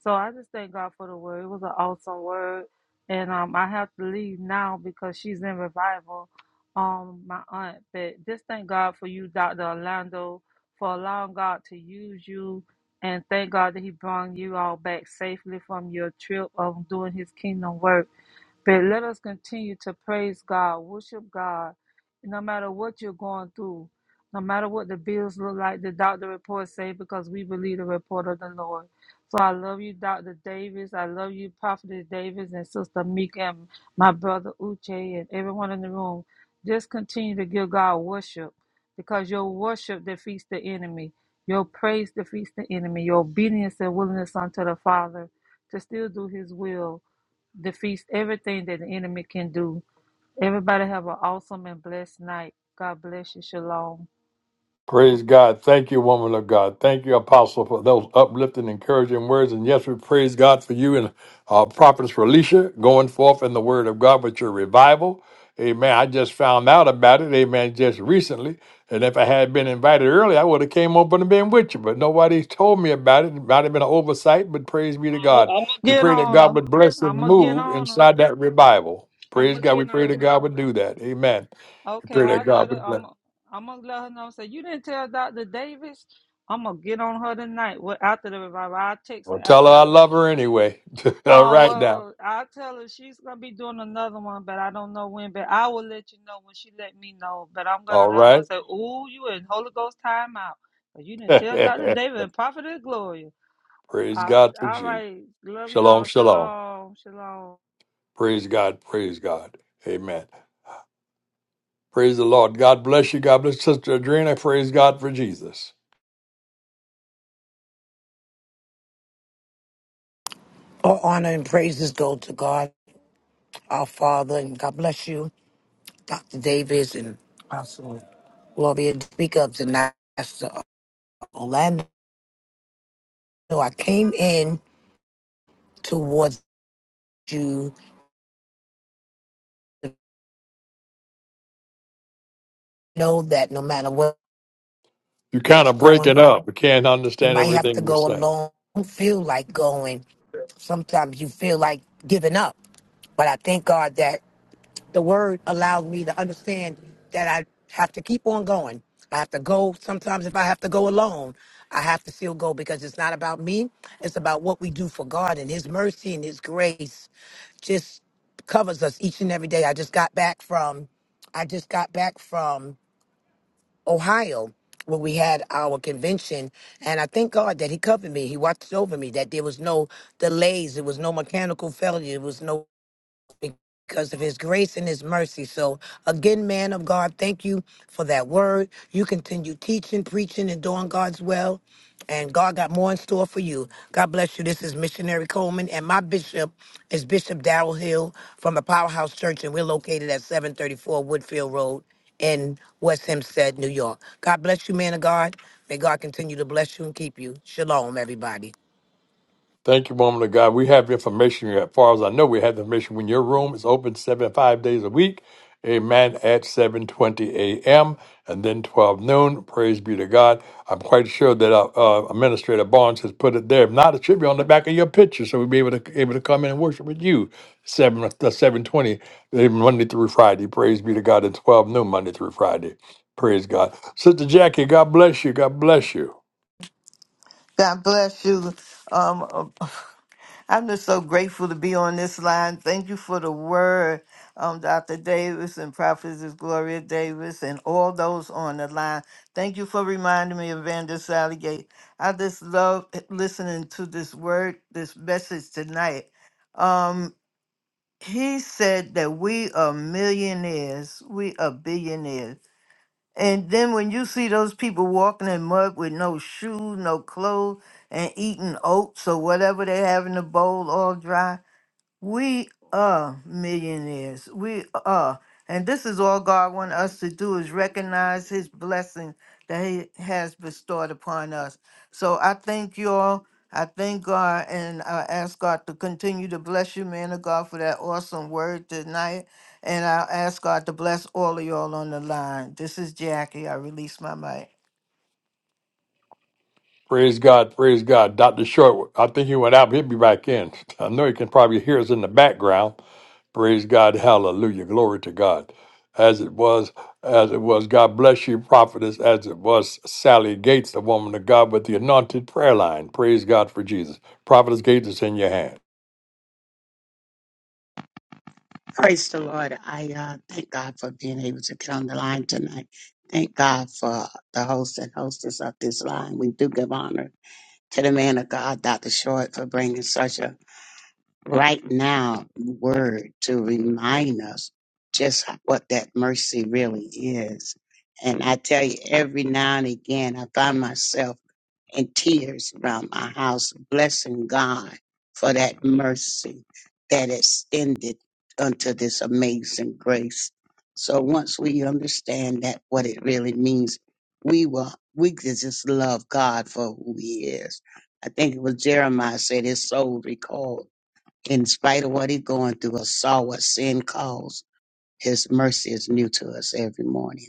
so I just thank God for the word. It was an awesome word. And um, I have to leave now because she's in revival, um, my aunt. But just thank God for you, Dr. Orlando, for allowing God to use you. And thank God that He brought you all back safely from your trip of doing His kingdom work. But let us continue to praise God, worship God, no matter what you're going through, no matter what the bills look like, the doctor reports say, because we believe the report of the Lord. So I love you, Dr. Davis. I love you, Prophetess Davis, and Sister Meek, and my brother Uche, and everyone in the room. Just continue to give God worship because your worship defeats the enemy. Your praise defeats the enemy. Your obedience and willingness unto the Father to still do his will defeats everything that the enemy can do. Everybody have an awesome and blessed night. God bless you. Shalom.
Praise God. Thank you, woman of God. Thank you, apostle, for those uplifting, encouraging words. And yes, we praise God for you and uh, prophetess Felicia going forth in the word of God with your revival. Amen. I just found out about it. Amen. Just recently. And if I had been invited early, I would have came over and been with you. But nobody told me about it. It might have been an oversight, but praise be to
I'm
God.
gonna
We
get
pray that
on
God
her.
would bless and
I'm gonna get
move
on her.
inside that revival.
I'm
Praise
gonna
God. We
get
pray that
on her.
God would do that. Amen. We
Okay,
pray
I
that
let
God
her.
would bless.
I'm. I'm gonna let her know. Say you didn't tell Doctor Davis. I'm gonna get on her tonight. Well, after the revival, I will text her
Well, tell her I
afterwards.
love her anyway. All
Oh
right now.
well, I'll tell her she's gonna be doing another one, but I don't know when. But I will let you know when she let me know. But I'm gonna
All
let her know.
right.
Say, "Ooh, you in Holy Ghost timeout? But you didn't tell Doctor David and Prophet Gloria."
praise
I,
God for
all
you.
right, love you
Shalom,
all.
shalom.
Shalom, shalom.
Praise God. Praise God. Amen. Praise the Lord. God bless you. God bless Sister Adrena. Praise God for Jesus.
All honor and praises go to God, our Father, and God bless you, Dr. Davis and Apostle Gloria. to Speak up tonight, Pastor Orlando. I came in towards you. Know that no matter what-
You kind
what's
of breaking
going on,
up. You can't
you
understand
might have to
everything you
go
say.
alone. Don't feel like going. Sometimes you feel like giving up. But I thank God that. the word allowed me to understand that I have to keep on going. I have to go. Sometimes if I have to go alone, I have to still go because it's not about me. It's about what we do for God and his mercy and his grace just covers us each and every day. I just got back from I just got back from Ohio where we had our convention and I thank God that he covered me. He watched over me, that there was no delays, there was no mechanical failure, there was no because of his grace and his mercy. So, again, man of God, thank you for that word. You continue teaching, preaching, and doing God's will. And God got more in store for you. God bless you. This is Missionary Coleman, and my bishop is Bishop Darrell Hill from the Powerhouse Church, and we're located at 734 Woodfield Road in West Hempstead, New York. God bless you, man of God. May God continue to bless you and keep you. Shalom, everybody.
Thank you, woman of God. We have information As far as I know, we have the information when your room is open seven five days a week. Amen. At seven twenty a.m. and then twelve noon. Praise be to God. I'm quite sure that uh, uh, Administrator Barnes has put it there. If not, it should be on the back of your picture, so we'll be able to able to come in and worship with you seven uh, seven twenty Monday through Friday. Praise be to God. And twelve noon Monday through Friday. Praise God. Sister Jackie, God bless you. God bless you.
God bless you. Um, um, I'm just so grateful to be on this line. Thank you for the word, um, Dr. Davis and Prophetess Gloria Davis and all those on the line. Thank you for reminding me of Vander Saligate. I just love listening to this word, this message tonight. Um, he said that we are millionaires, we are billionaires. And then when you see those people walking in mud with no shoes, no clothes, and eating oats or whatever they have in the bowl all dry, we are millionaires. We are. And this is all God wants us to do is recognize his blessing that he has bestowed upon us. So I thank you all. I thank God and I ask God to continue to bless you, man of God, for that awesome word tonight. And I ask God to bless all of y'all on the line. This is Jackie. I release my mic.
Praise God, praise God. Dr. Short, I think he went out, but he'll be back in. I know he can probably hear us in the background. Praise God, hallelujah, glory to God. As it was, as it was, God bless you, prophetess, as it was Sally Gates, the woman of God with the anointed prayer line. Praise God for Jesus. Prophetess Gates is in your hands.
Praise the Lord. I uh, thank God for being able to get on the line tonight. Thank God for the host and hostess of this line. We do give honor to the man of God, Dr. Short, for bringing such a right now word to remind us just what that mercy really is. And I tell you, every now and again, I find myself and tears around my house, blessing God for that mercy that extended unto this amazing grace. So once we understand that what it really means, we will we can just love God for who He is. I think it was Jeremiah said his soul recalled. In spite of what he's going through, or saw what sin caused, his mercy is new to us every morning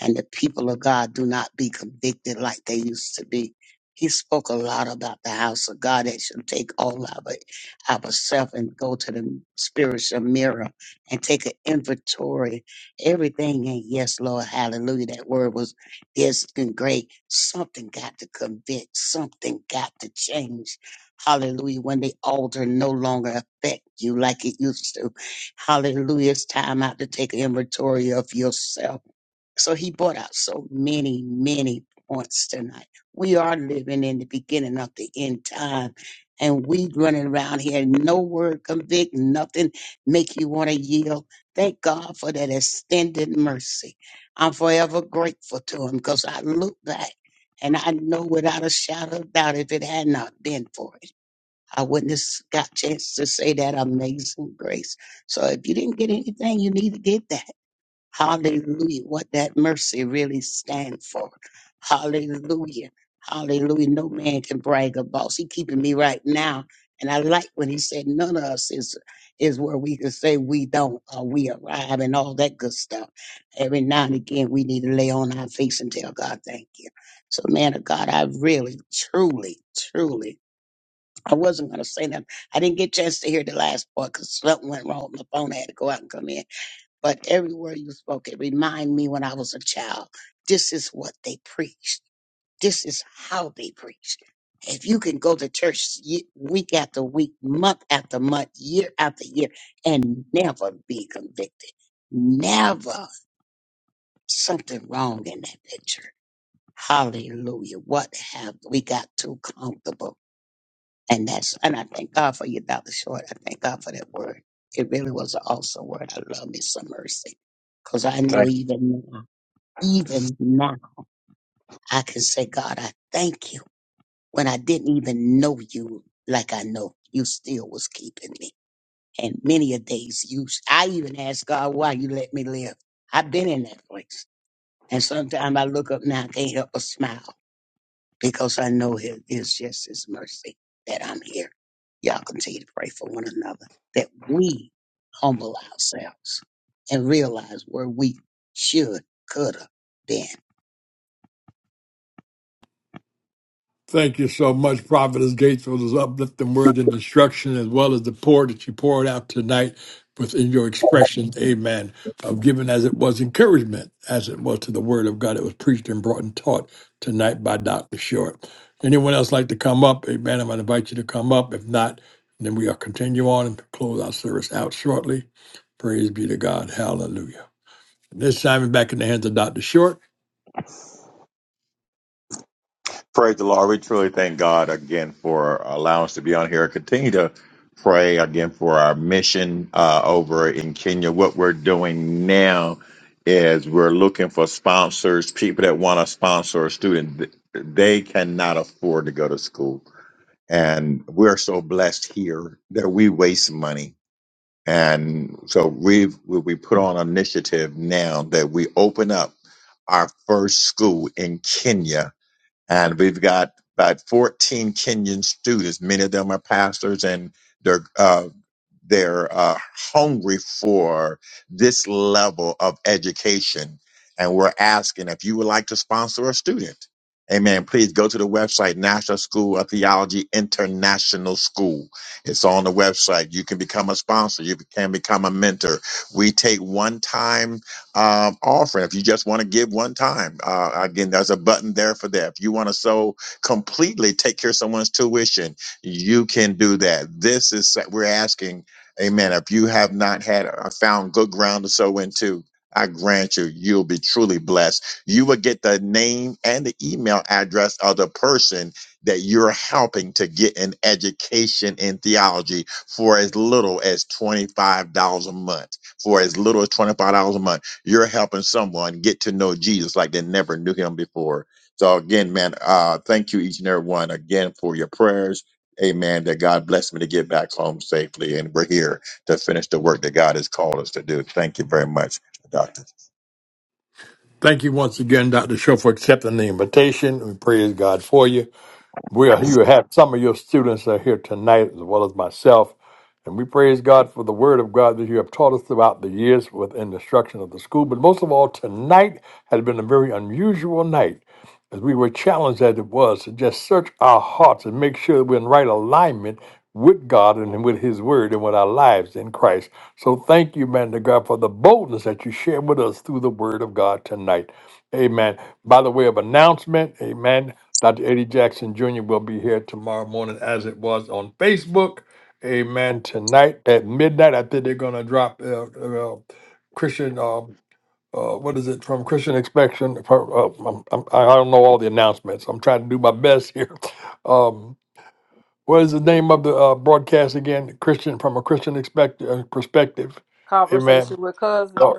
and the people of God do not be convicted like they used to be. He spoke a lot about the house of God that should take all of it, ourselves, and go to the spiritual mirror and take an inventory. Everything ain't yes, Lord, hallelujah. That word was yes and great. Something got to convict. Something got to change. Hallelujah. When the altar no longer affect you like it used to. Hallelujah. It's time out to take an inventory of yourself so he brought out so many, many points tonight. We are living in the beginning of the end time, and we running around here, no word convict, nothing make you want to yield. Thank God for that extended mercy. I'm forever grateful to him because I look back and I know without a shadow of doubt if it had not been for it, I wouldn't have got a chance to say that amazing grace. So if you didn't get anything, you need to get that Hallelujah. What that mercy really stands for. Hallelujah. Hallelujah. No man can brag about. He keeping me right now. And I like when he said none of us is is where we can say we don't or we arrive and all that good stuff. Every now and again we need to lay on our face and tell God thank you. So man of God, I really, truly, truly I wasn't gonna say nothing. I didn't get a chance to hear the last part because something went wrong with my phone. I had to go out and come in but every word you spoke, it reminded me when I was a child. This is what they preached. This is how they preached. If you can go to church ye- week after week, month after month, year after year, and never be convicted, never something wrong in that picture. Hallelujah. What have we got too comfortable? And that's and I thank God for you, Dr. Short. I thank God for that word. It really was an awesome word. I love me some mercy. Because I know
Thank
even now, even now, I can say, God, I thank you. When I didn't even know you like I know, you still was keeping me. And many a days you I even asked God why you let me live. I've been in that place. And sometimes I look up now, I can't help but smile. because I know it is just His mercy that I'm here. Y'all continue to pray for one another that we humble ourselves and realize where we should, could have been.
Thank you so much, Prophetess Gates, for those uplifting words and instruction, as well as the pour that you poured out tonight within your expressions. amen, of giving as it was encouragement, as it was to the word of God that was preached and brought and taught tonight by Dr. Short. Anyone else like to come up? Amen. I'm going to invite you to come up. If not, then we'll continue on and close our service out shortly. Praise be to God. Hallelujah. This time, we're back in the hands of Dr. Short.
Praise the Lord. We truly thank God again for allowing us to be on here. Continue to pray again for our mission uh, over in Kenya. What we're doing now is we're looking for sponsors, people that want to sponsor a student. They cannot afford to go to school and we're so blessed here that we waste money. And so we've we we put on an initiative now that we open up our first school in Kenya and we've got about 14 Kenyan students. Many of them are pastors and they're, uh, they're uh, hungry for this level of education. And we're asking if you would like to sponsor a student. Amen. Please go to the website, National School of Theology International School. It's on the website. You can become a sponsor. You can become a mentor. We take one time um, offering. If you just want to give one time, uh, again, there's a button there for that. If you want to so completely take care of someone's tuition, you can do that. This is we're asking, Amen. If you have not had uh, found good ground to sow into. I grant you, you'll be truly blessed. You will get the name and the email address of the person that you're helping to get an education in theology for as little as $25 a month. For as little as $25 a month you're helping someone get to know Jesus like they never knew him before. So again, man, uh, thank you each and every one again for your prayers. Amen. That God bless me to get back home safely, and we're here to finish the work that God has called us to do. Thank you very much, Doctor.
Thank you once again, Dr. Show, for accepting the invitation. We praise God for you. Well, you have some of your students are here tonight, as well as myself, and we praise God for the Word of God that you have taught us throughout the years within the instruction of the school. But most of all, tonight has been a very unusual night, as we were challenged as it was to just search our hearts and make sure that we're in right alignment with God and with His Word and with our lives in Christ. So thank you, man to God, for the boldness that you share with us through the Word of God tonight. Amen. By the way of announcement, amen. Dr. Eddie Jackson Jr. will be here tomorrow morning as it was on Facebook. Amen. Tonight at midnight, I think they're going to drop uh, uh, Christian, uh, uh, what is it, from Christian Inspection. Uh, I'm, I'm, I don't know all the announcements. I'm trying to do my best here. Um, what is the name of the uh, broadcast again? Christian, from a Christian expect- uh, perspective.
conversation
Amen.
with
Oh,
cousins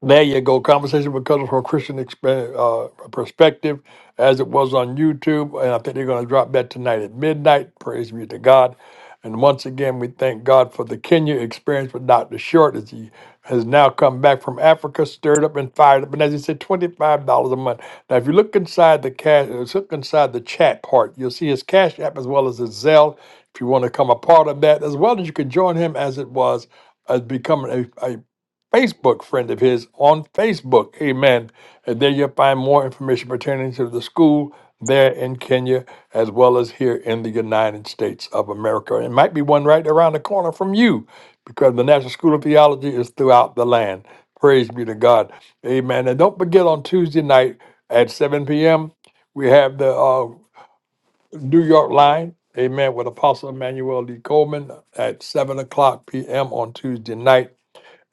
there you go. Conversation because Cousins from a Christian exp- uh, perspective, as it was on YouTube, and I think they're going to drop that tonight at midnight. Praise be to God. And once again, we thank God for the Kenya experience with Dr. Short as he has now come back from Africa, stirred up and fired up. And as he said, $25 a month. Now, if you look inside the cash, uh, look inside the chat part, you'll see his Cash App as well as his Zelle. If you want to become a part of that, as well as you can join him as it was as becoming a, Facebook friend of his on Facebook. Amen. And there you'll find more information pertaining to the school there in Kenya as well as here in the United States of America. It might be one right around the corner from you because the National School of Theology is throughout the land. Praise be to God. Amen. And don't forget on Tuesday night at 7 p.m., we have the uh, New York line. Amen. With Apostle Emmanuel D. Coleman at 7 o'clock p.m. on Tuesday night.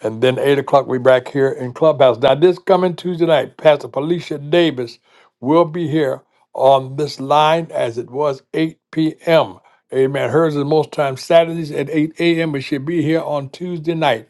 And then eight o'clock, we back here in Clubhouse. Now, this coming Tuesday night, Pastor Felicia Davis will be here on this line as it was 8 p.m. Amen. Hers is most times Saturdays at 8 a.m., but she'll be here on Tuesday night.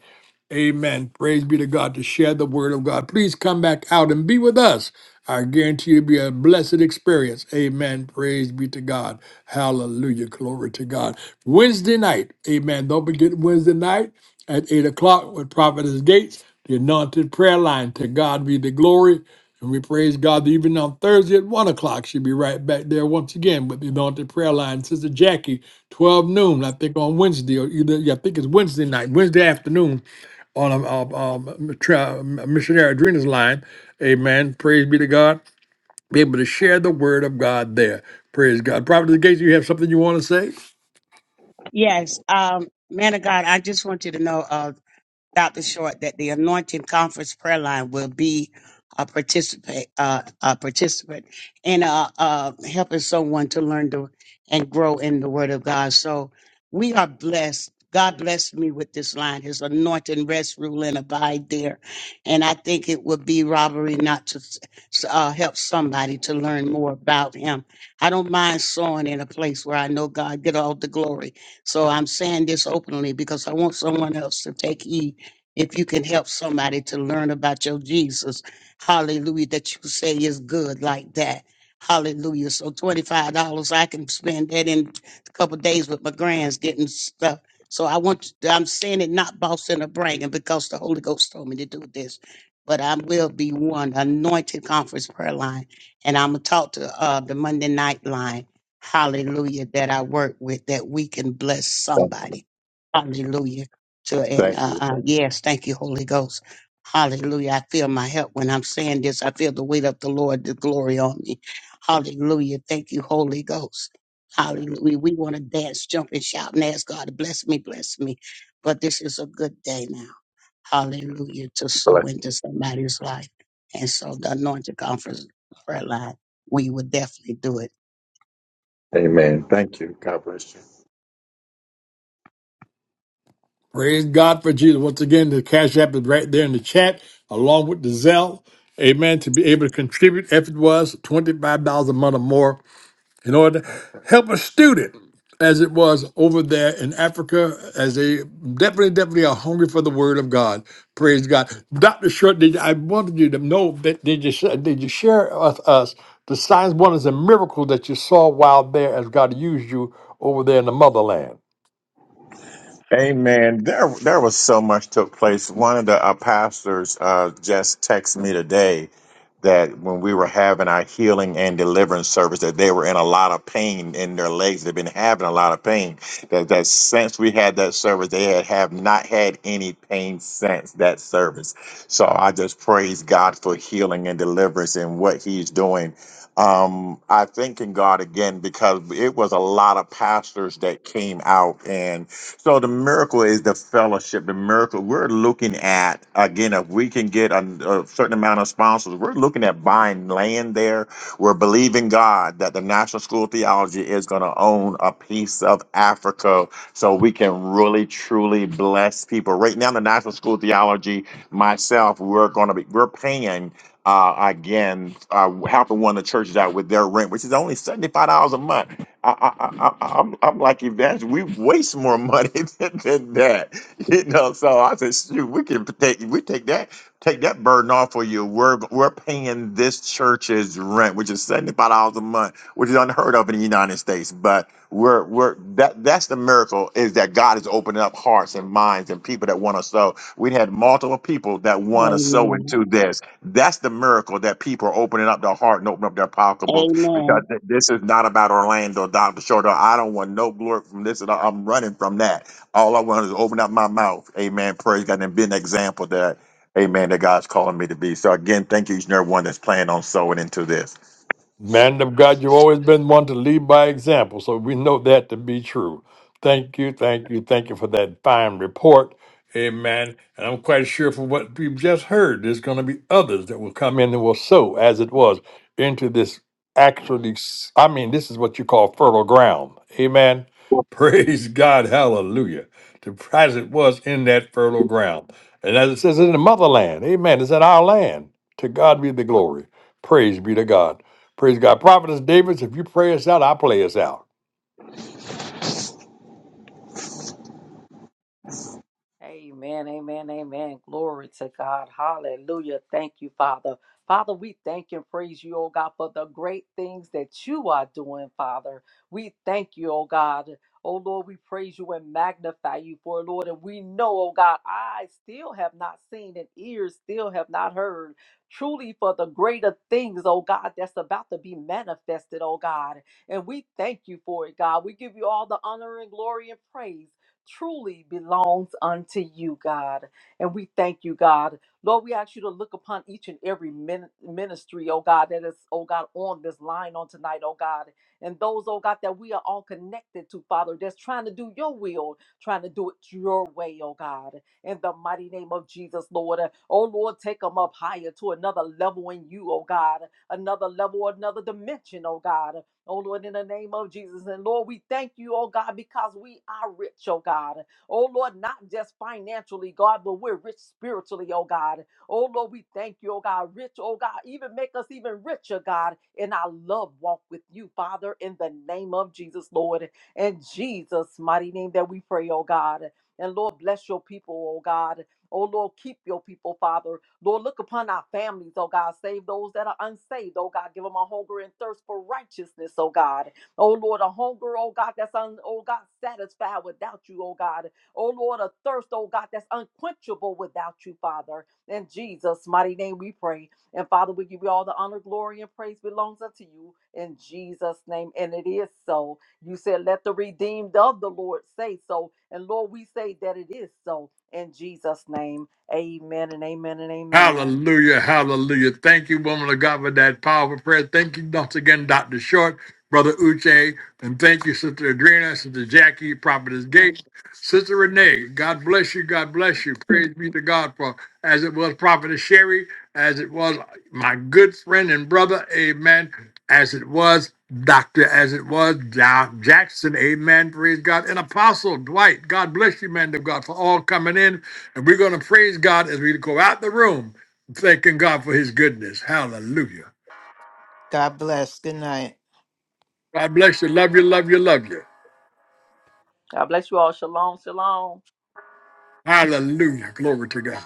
Amen. Praise be to God to share the word of God. Please come back out and be with us. I guarantee you it'll be a blessed experience. Amen. Praise be to God. Hallelujah. Glory to God. Wednesday night. Amen. Don't forget Wednesday night at 8 o'clock with Prophetess Gates, the anointed prayer line. To God be the glory. And we praise God that even on Thursday at 1 o'clock, she'll be right back there once again with the anointed prayer line. Sister Jackie, 12 noon, I think on Wednesday, or either, yeah, I think it's Wednesday night, Wednesday afternoon on a um, um, tra- missionary Adrena's line. Amen. Praise be to God. Be able to share the word of God there. Praise God. Prophet Gates, you have something you want to say?
Yes, um, man of God, I just want you to know uh, Dr. Short that the Anointing Conference prayer line will be a participate, uh, a participant in uh, uh, helping someone to learn to and grow in the Word of God. So we are blessed. God blessed me with this line. His anointing rest, rule, and abide there. And I think it would be robbery not to s- uh, help somebody to learn more about Him. I don't mind sowing in a place where I know God get all the glory. So I'm saying this openly because I want someone else to take heed if you can help somebody to learn about your Jesus, hallelujah, that you say is good like that. Hallelujah. So $25, I can spend that in a couple days with my grands getting stuff. So I want, I'm saying it not boasting or bragging because the Holy Ghost told me to do this. But I will be one anointed conference prayer line. And I'm going to talk to uh, the Monday night line hallelujah, that I work with, that we can bless somebody. Hallelujah to and
Thank you.
uh, uh, yes, thank you, Holy Ghost. Hallelujah. I feel my help when I'm saying this. I feel the weight of the Lord, the glory on me. Hallelujah. Thank you, Holy Ghost. Hallelujah. We want to dance, jump, and shout and ask God to bless me, bless me. But this is a good day now. Hallelujah. To
bless.
sow into somebody's life. And so the anointed conference prayer line, we would definitely do it.
Amen. Thank you. God bless. you.
Praise God for Jesus. Once again, the Cash App is right there in the chat, along with the Zelle. Amen. To be able to contribute, if it was $25 a month or more, in order to help a student as it was over there in Africa, as they definitely, definitely are hungry for the word of God. Praise God. Dr. Short, did, I wanted you to know that did you sh- did you share with us the signs, wonders, and miracles that you saw while there as God used you over there in the motherland?
Amen. There, there was so much took place. One of the uh, pastors uh, just texted me today that when we were having our healing and deliverance service, that they were in a lot of pain in their legs. They've been having a lot of pain. That that since we had that service, they had have not had any pain since that service. So I just praise God for healing and deliverance and what He's doing. Um, I thank in God again because it was a lot of pastors that came out and so the miracle is the fellowship. The miracle we're looking at again, if we can get a, a certain amount of sponsors, we're looking at buying land there. We're believing God that the National School of Theology is going to own a piece of Africa, so we can really truly bless people. Right now, the National School of Theology, myself, we're going to be we're paying. Uh, again, uh, helping one of the churches out with their rent, which is only seventy-five dollars a month I, I, I, I- I'm, I'm like, Evangelist, we waste more money than, than that, you know. So I said, shoot, we can take, we take that, take that burden off for you. We're, we're paying this church's rent, which is seventy five dollars a month, which is unheard of in the United States. But we're, we're that, that's the miracle is that God is opening up hearts and minds and people that want to sow. We had multiple people that want to sow
Amen.
into this. That's the miracle that people are opening up their heart and opening up their pocketbooks
Amen.
because th- this is not about Orlando, Dr. Shorter. I don't want no glory from this. and I- I'm running from that. All I want is open up my mouth. Amen. Praise God and be an example that, amen, that God's calling me to be. So again, thank you, each and every one that's planning on sowing into this.
Man of God, you've always been one to lead by example, so we know that to be true. Thank you, thank you, thank you for that fine report. Amen. And I'm quite sure from what we've just heard, there's going to be others that will come in and will sow, as it was, into this actually, s- I mean, this is what you call fertile ground. Amen. Praise God. Hallelujah. To as it was in that fertile ground. And as it says in the motherland, amen, it's in our land. To God be the glory. Praise be to God. Praise God. Prophetess Davis, if you pray us out, I'll play us out.
Amen, amen, amen. Glory to God. Hallelujah. Thank you, Father. Father, we thank and praise you, oh God, for the great things that you are doing, Father. We thank you, oh God. Oh Lord, we praise you and magnify you for it, Lord. And we know, oh God, eyes still have not seen and ears still have not heard. Truly for the greater things, oh God, that's about to be manifested, oh God. And we thank you for it, God. We give you all the honor and glory and praise truly belongs unto you, God. And we thank you, God. Lord, we ask you to look upon each and every min- ministry, oh God, that is, oh God, on this line on tonight, oh God. And those, oh God, that we are all connected to, Father, that's trying to do your will, trying to do it your way, oh God. In the mighty name of Jesus, Lord. Uh, Oh Lord, take them up higher to another level in you, oh God. Another level, another dimension, oh God. Oh Lord, in the name of Jesus. And Lord, we thank you, oh God, because we are rich, oh God. Oh Lord, not just financially, God, but we're rich spiritually, oh God. Oh Lord, we thank you, oh God, rich, oh God, even make us even richer, God, in our love walk with you, Father, in the name of Jesus, Lord. In Jesus' mighty name that we pray, oh God. And Lord, bless your people, oh God. Oh Lord, keep your people, Father. Lord, look upon our families, oh God. Save those that are unsaved, oh God. Give them a hunger and thirst for righteousness, oh God. Oh Lord, a hunger, oh God, that's un, oh God, satisfied without you, oh God. Oh Lord, a thirst, oh God, that's unquenchable without you, Father. In Jesus' mighty name we pray. And Father, we give you all the honor, glory, and praise belongs unto you in Jesus' name. And it is so. You said, Let the redeemed of the Lord say so. And Lord, we say that it is so in Jesus' name. Amen and amen and amen.
Hallelujah, hallelujah. Thank you, woman of God, for that powerful prayer. Thank you once again, Dr. Short, Brother Uche, and thank you, Sister Adrena, Sister Jackie, Prophetess Gates, Sister Renee. God bless you, God bless you. Praise be to God for as it was Prophetess Sherry, as it was my good friend and brother, amen, as it was Doctor, as it was Ja- Jackson, amen, praise God, and Apostle Dwight. God bless you, man of God, for all coming in. And we're going to praise God as we go out the room, thanking God for his goodness. Hallelujah.
God bless. Good night.
God bless you. Love you, love you, love you.
God bless you all. Shalom, shalom.
Hallelujah. Glory to God.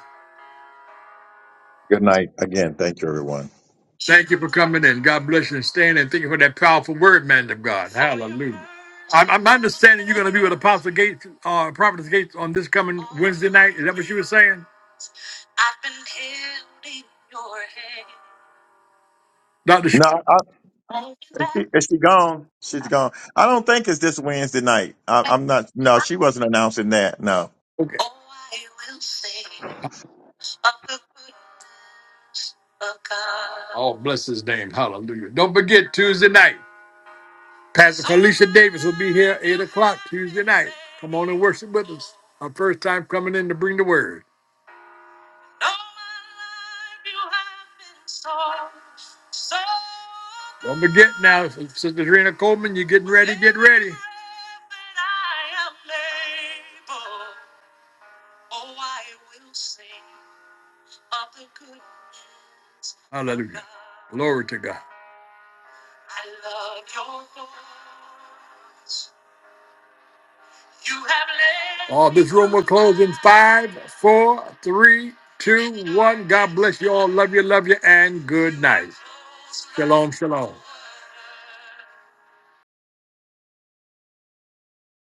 Good night. Again, thank you, everyone.
Thank you for coming in. God bless you and staying and thank you for that powerful word, man of God. Hallelujah. I'm, I'm understanding you're going to be with Apostle Gates, uh, Prophetess Gates on this coming Wednesday night. Is that what you were saying? Dr. Sh-
No, I, is, she, is she gone? She's gone. I don't think it's this Wednesday night. I, I'm not. No, she wasn't announcing that. No.
okay. Oh, bless his name. Hallelujah. Don't forget Tuesday night. Pastor Felicia Davis will be here 8 o'clock Tuesday night. Come on and worship with us. Our first time coming in to bring the word. Don't forget now, Sister Trina Coleman, you're getting ready, get ready. Hallelujah. Glory to God. All this room will close in five, four, three, two, one. God bless you all. Love you, love you, and good night. Shalom, shalom.